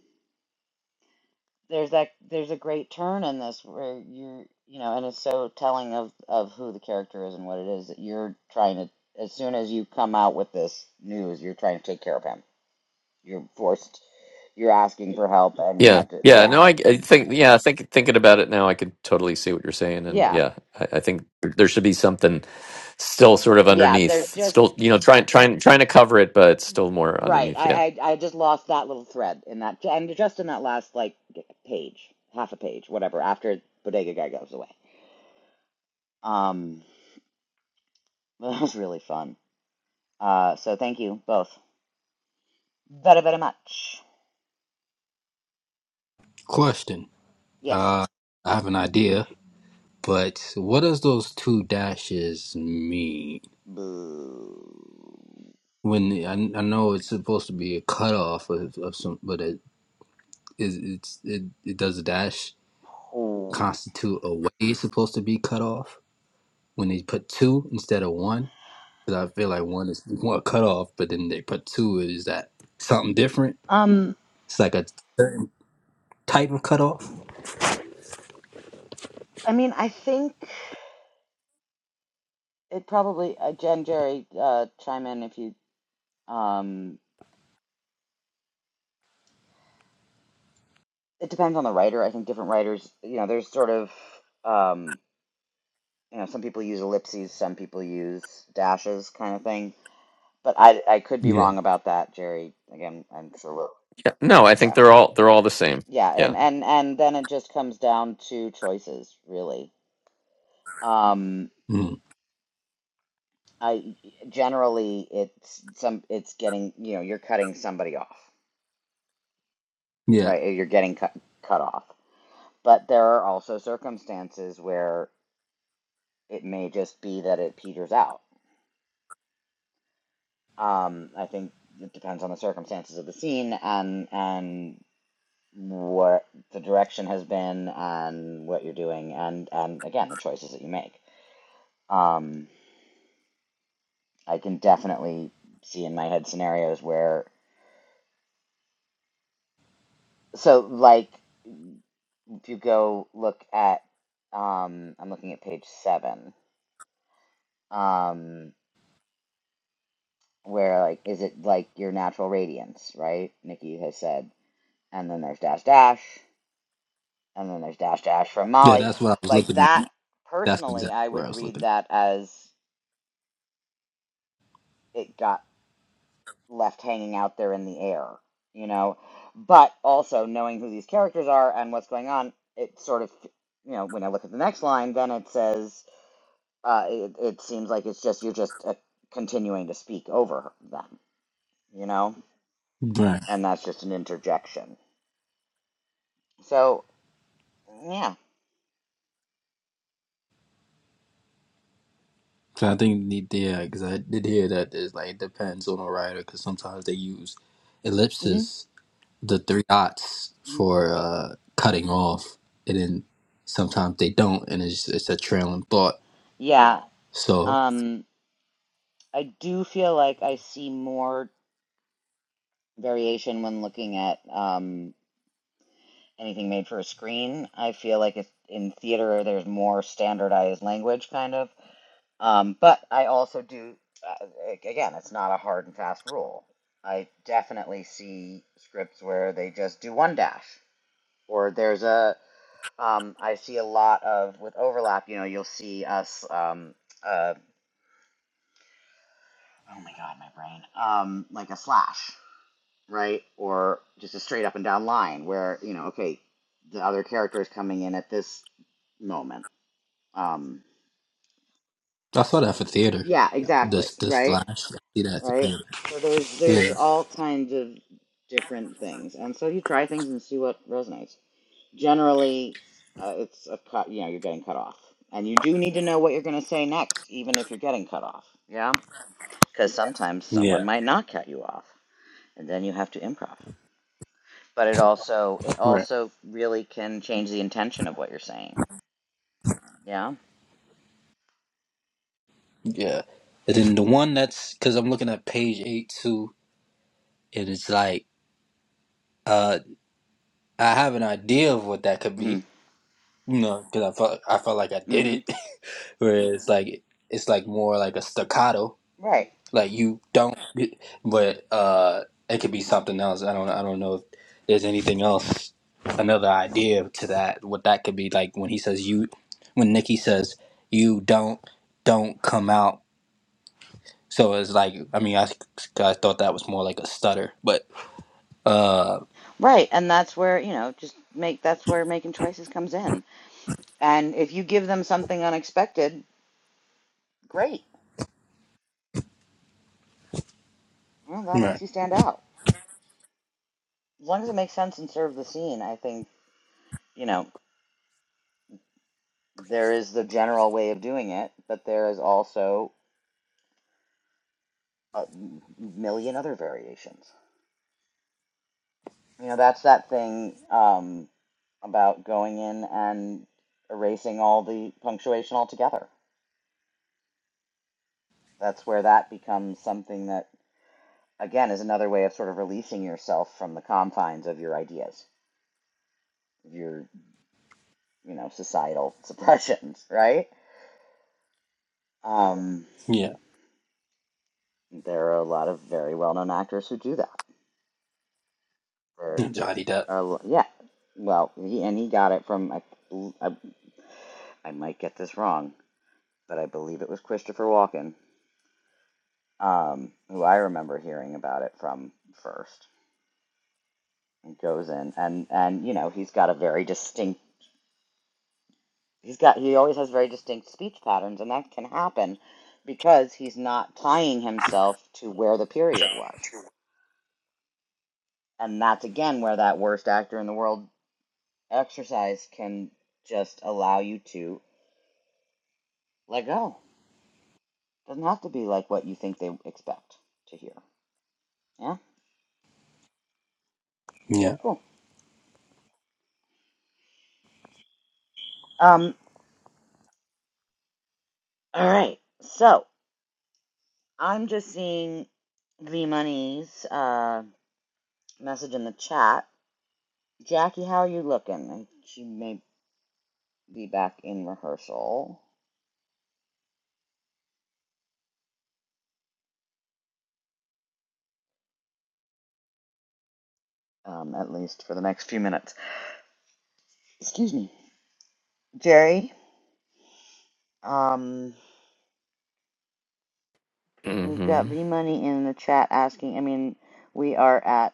there's that there's a great turn in this where you're you know and it's so telling of of who the character is and what it is that you're trying to as soon as you come out with this news you're trying to take care of him you're forced you're asking for help and you Yeah, have to yeah. yeah No, I, I think yeah. I think thinking about it now, I could totally see what you're saying, and yeah yeah, I, I think there should be something still sort of yeah underneath, there's just still you know, trying trying trying to cover it, but still more right underneath. yeah. i i, I just lost that little thread in that and just in that last like page half a page whatever after bodega guy goes away um but that was really fun uh so thank you both very very much question yes uh i have an idea but what does those two dashes mean Boo. when the, I, I know it's supposed to be a cutoff of, of some but it is it's it, it does a dash Oh. constitute a way it's supposed to be cut off when they put two instead of one Because I feel like one is one cutoff, but then they put two is that something different. Um, It's like a certain type of cutoff. I mean, I think it probably uh, Jen, Jerry, uh, chime in if you. Um, it depends on the writer. I think different writers, you know, there's sort of, um, you know, some people use ellipses, some people use dashes, kind of thing. But I, I could be Yeah. wrong about that, Jerry. Again, I'm sure. We'll, Yeah, no, I think yeah, they're all they're all the same. yeah, Yeah. and and and then it just comes down to choices, really. Um. Mm. I generally it's some it's getting you know you're cutting somebody off Yeah. right Eh, you're getting cut cut off but there are also circumstances where it may just be that it peters out um I think it depends on the circumstances of the scene and and what the direction has been and what you're doing and and again the choices that you make um I can definitely see in my head scenarios where so like If you go look at, um, I'm looking at page seven, um, where like, is it like your natural radiance, right? Nikki has said, and then there's dash dash, and then there's dash dash from Yeah. Molly. That's what I was Like looking that, at. That's personally, exactly I where would I was read looking. that as it got left hanging out there in the air, you know. But also knowing who these characters are and what's going on, it sort of, you know, when I look at the next line, then it says uh, it, it seems like it's just you're just uh, continuing to speak over them, you know, at. Right. and that's just an interjection. So yeah, So I think need- yeah, because I did hear that it's like it depends on a writer because sometimes they use hmm ellipses, the three dots hmm for uh, cutting off, and then sometimes they don't, and it's it's a trailing thought. yeah. So Um, I do feel like I see more variation when looking at um, anything made for a screen. I feel like it's in theater. There's more standardized language, kind of Um, but I also do, uh, like, again, it's not a hard and fast rule. I definitely see scripts where they just do one dash, or there's a, um, I see a lot of, with overlap, you know, you'll see us, um, uh, oh my God, my brain, um, like a slash, right? Or just a straight up and down line where, you know, okay, the other character is coming in at this moment. Um, I saw that for theater. yeah, exactly, This this slash, right? I see that for theater. right? So there's there's Yeah. all kinds of different things, and so you try things and see what resonates. Generally, uh, it's a cut. You know, you're getting cut off, and you do need to know what you're going to say next, even if you're getting cut off. Yeah, because sometimes someone Yeah. might not cut you off, and then you have to improv. But it also it Right. also really can change the intention of what you're saying. Yeah. Yeah. And then the one that's because I'm looking at page eight too, and it's like uh I have an idea of what that could hmm be, you know, because I felt I felt like I did hmm it, where it's like it's like more like a staccato, Right. like you don't, but uh it could be something else. I don't I don't know if there's anything else, another idea to that what that could be like when he says you, when Nikki says you don't don't come out So it's like, I mean, I, I thought that was more like a stutter, but uh, Right, and that's where you know just make that's where making choices comes in And if you give them something unexpected, great. Well, that makes right, you stand out. As long as it makes sense and serve the scene, I think, you know, there is the general way of doing it, but there is also a million other variations. You know, that's that thing um, about going in and erasing all the punctuation altogether. That's where that becomes something that, again, is another way of sort of releasing yourself from the confines of your ideas. You're you know, societal suppressions, right? Um, yeah, there are a lot of very well-known actors who do that. There Johnny Depp. are, yeah. Well, he, and he got it from I, I, I might get this wrong, but I believe it was Christopher Walken, um, who I remember hearing about it from first. He goes in, and and you know, he's got a very distinct. He's got he always has very distinct speech patterns, and that can happen because he's not tying himself to where the period was And that's again where that worst actor in the world exercise can just allow you to let go. Doesn't have to be like what you think they expect to hear. Yeah? Yeah, Cool. Um, all right. So I'm just seeing V Money's uh, message in the chat. Jackie, how are you looking? She may be back in rehearsal, um, at least for the next few minutes. Excuse me. Jerry, um, We've got hmm V Money in the chat asking. I mean, we are at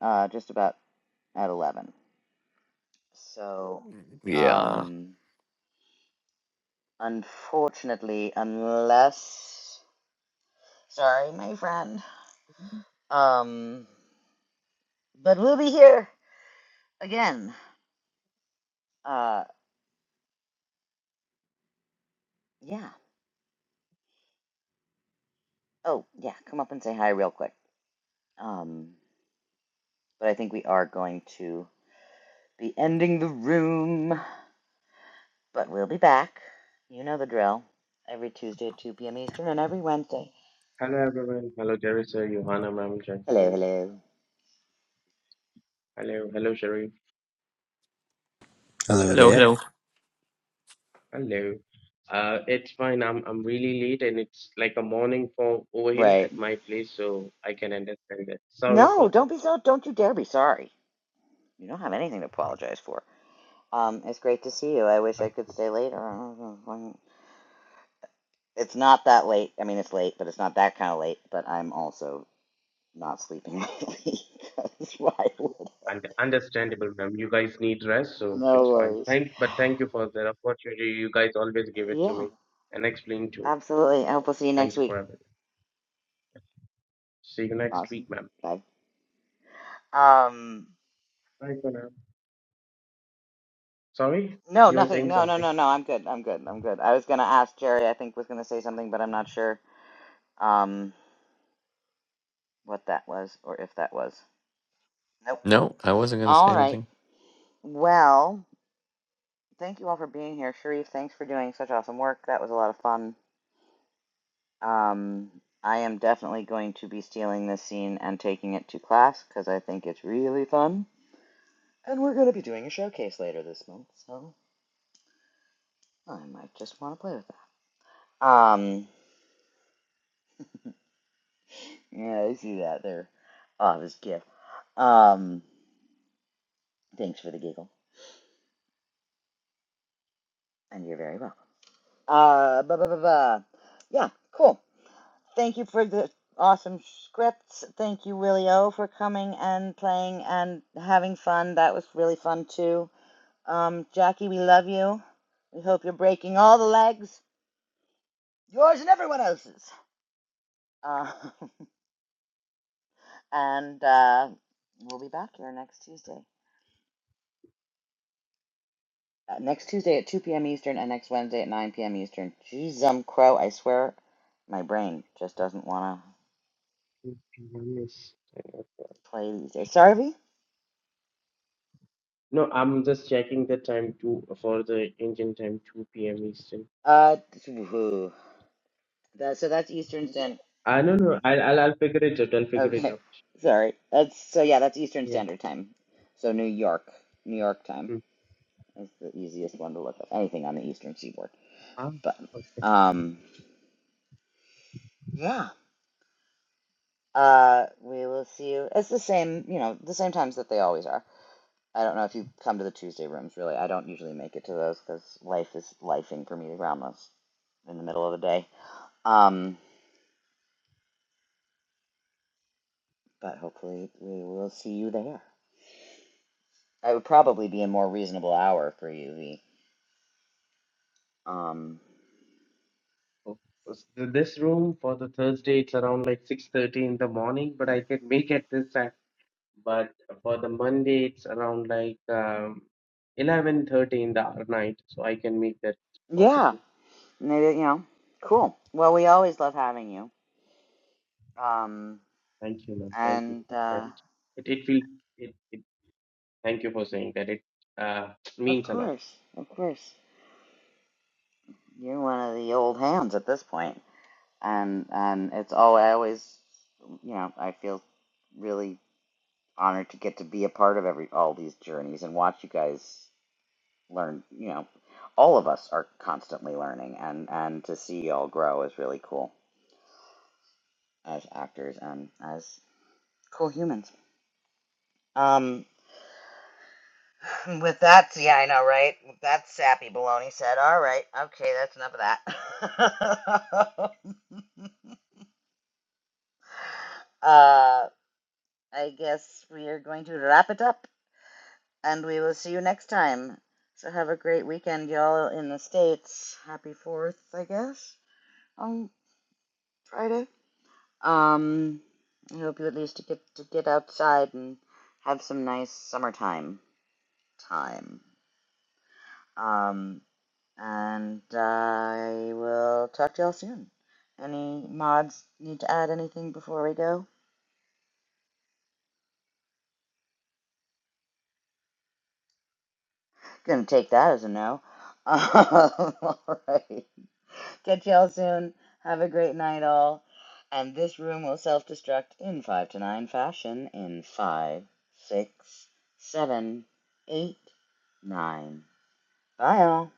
uh, just about at 11. So, Yeah. um, unfortunately, unless. Sorry, my friend. Um, but we'll be here again. Uh, yeah. Oh, yeah. Come up and say hi real quick. Um, but I think we are going to be ending the room. But we'll be back. You know the drill. Every Tuesday at 2 p.m. Eastern and every Wednesday Hello everyone. Hello Teresa, Johanna ma'am, Jackie Hello, ma'am. hello. Hello, hello Sharif. hello Hello, there. hello. Hello. Uh, it's fine. I'm I'm really late and it's like a morning for over here at Right. my place, so I can understand that. Sorry No, for don't that. be so. Don't you dare be sorry. You don't have anything to apologize for. Um, it's great to see you. I wish I Uh, could stay later. It's not that late. I mean, it's late, but it's not that kind of late. But I'm also not sleeping lately. That's why. I would. And understandable, ma'am. You guys need rest, so No it's fine. worries. Thank, but thank you for the opportunity. You guys always give it to Yeah, me and explain to me. absolutely. I hope we'll see you Thank next you week. for everything. See you next week, Awesome. ma'am. Bye. Um. Bye for now. Sorry, No, you were nothing. saying No, no, something. no, no. I'm good. I'm good. I'm good. I was gonna ask Jerry. I think was gonna say something, but I'm not sure. Um. what that was or if that was. Nope. No, I wasn't gonna say All anything. right. Well, thank you all for being here. Sharif, thanks for doing such awesome work. That was a lot of fun. Um, I am definitely going to be stealing this scene and taking it to class because I think it's really fun. And we're going to be doing a showcase later this month, so I might just want to play with that. Um, yeah, I see that there. Oh, this gift. Um, thanks for the giggle, and you're very welcome. Uh, blah, blah, blah, blah. Yeah, cool. Thank you for the awesome scripts. Thank you, Willie O, for coming and playing and having fun. That was really fun, too. Um, Jackie, we love you. We hope you're breaking all the legs, yours and everyone else's. Uh, and uh, we'll be back here next Tuesday. Uh, next Tuesday at 2 p.m. Eastern and next Wednesday at 9 p.m. Eastern. Jeez, um, crow, I swear my brain just doesn't want to Yes. play these days. Sorry, V? No, I'm just checking the time too for the Indian time, 2 p.m. Eastern. Uh, that, so that's Eastern Standard. I no no, I'll I'll, I'll figure it out. I'll figure it Okay, out. sorry. That's so yeah, that's Eastern Yeah. Standard Time. So New York, New York time Mm. is the easiest one to look up. Anything on the Eastern Seaboard, Ah, but okay. um, yeah. Uh, we will see you. It's the same, you know, the same times that they always are. I don't know if you come to the Tuesday rooms. Really, I don't usually make it to those because life is lifing for me groundless in the middle of the day. Um, but hopefully we will see you there. It would probably be a more reasonable hour for you. V. Um, Oh. s- th- This room for the Thursday, it's around like 6:30 in the morning, but I can make it this time. But for the Monday, it's around like um 11:30 in the hour night, so I can make that yeah. possible. Maybe, you know, cool. Well, we always love having you. Um, Thank you, ma'am. Thank you and for that. uh, It it will it, it thank you for saying that. It uh of means a lot. course, of course, you're one of the old hands at this point. And and it's all I always, you know, I feel really honored to get to be a part of every all these journeys and watch you guys learn. You know, all of us are constantly learning, and and to see you all grow is really cool as actors and as cool humans. Um, And With that, yeah, I know, right? With that sappy baloney said, all right, okay, that's enough of that. uh, I guess we are going to wrap it up, and we will see you next time. So have a great weekend, y'all, in the States. Happy 4th, I guess, on Friday. Um, I hope you at least get to get outside and have some nice summertime time. Um, And I will talk to y'all soon. Any mods need to add anything before we go? Gonna take that as a no. Um, Alright. Catch y'all soon. Have a great night, all. And this room will self destruct in 5 to 9 fashion in five, six, seven, eight, nine. Bye, all.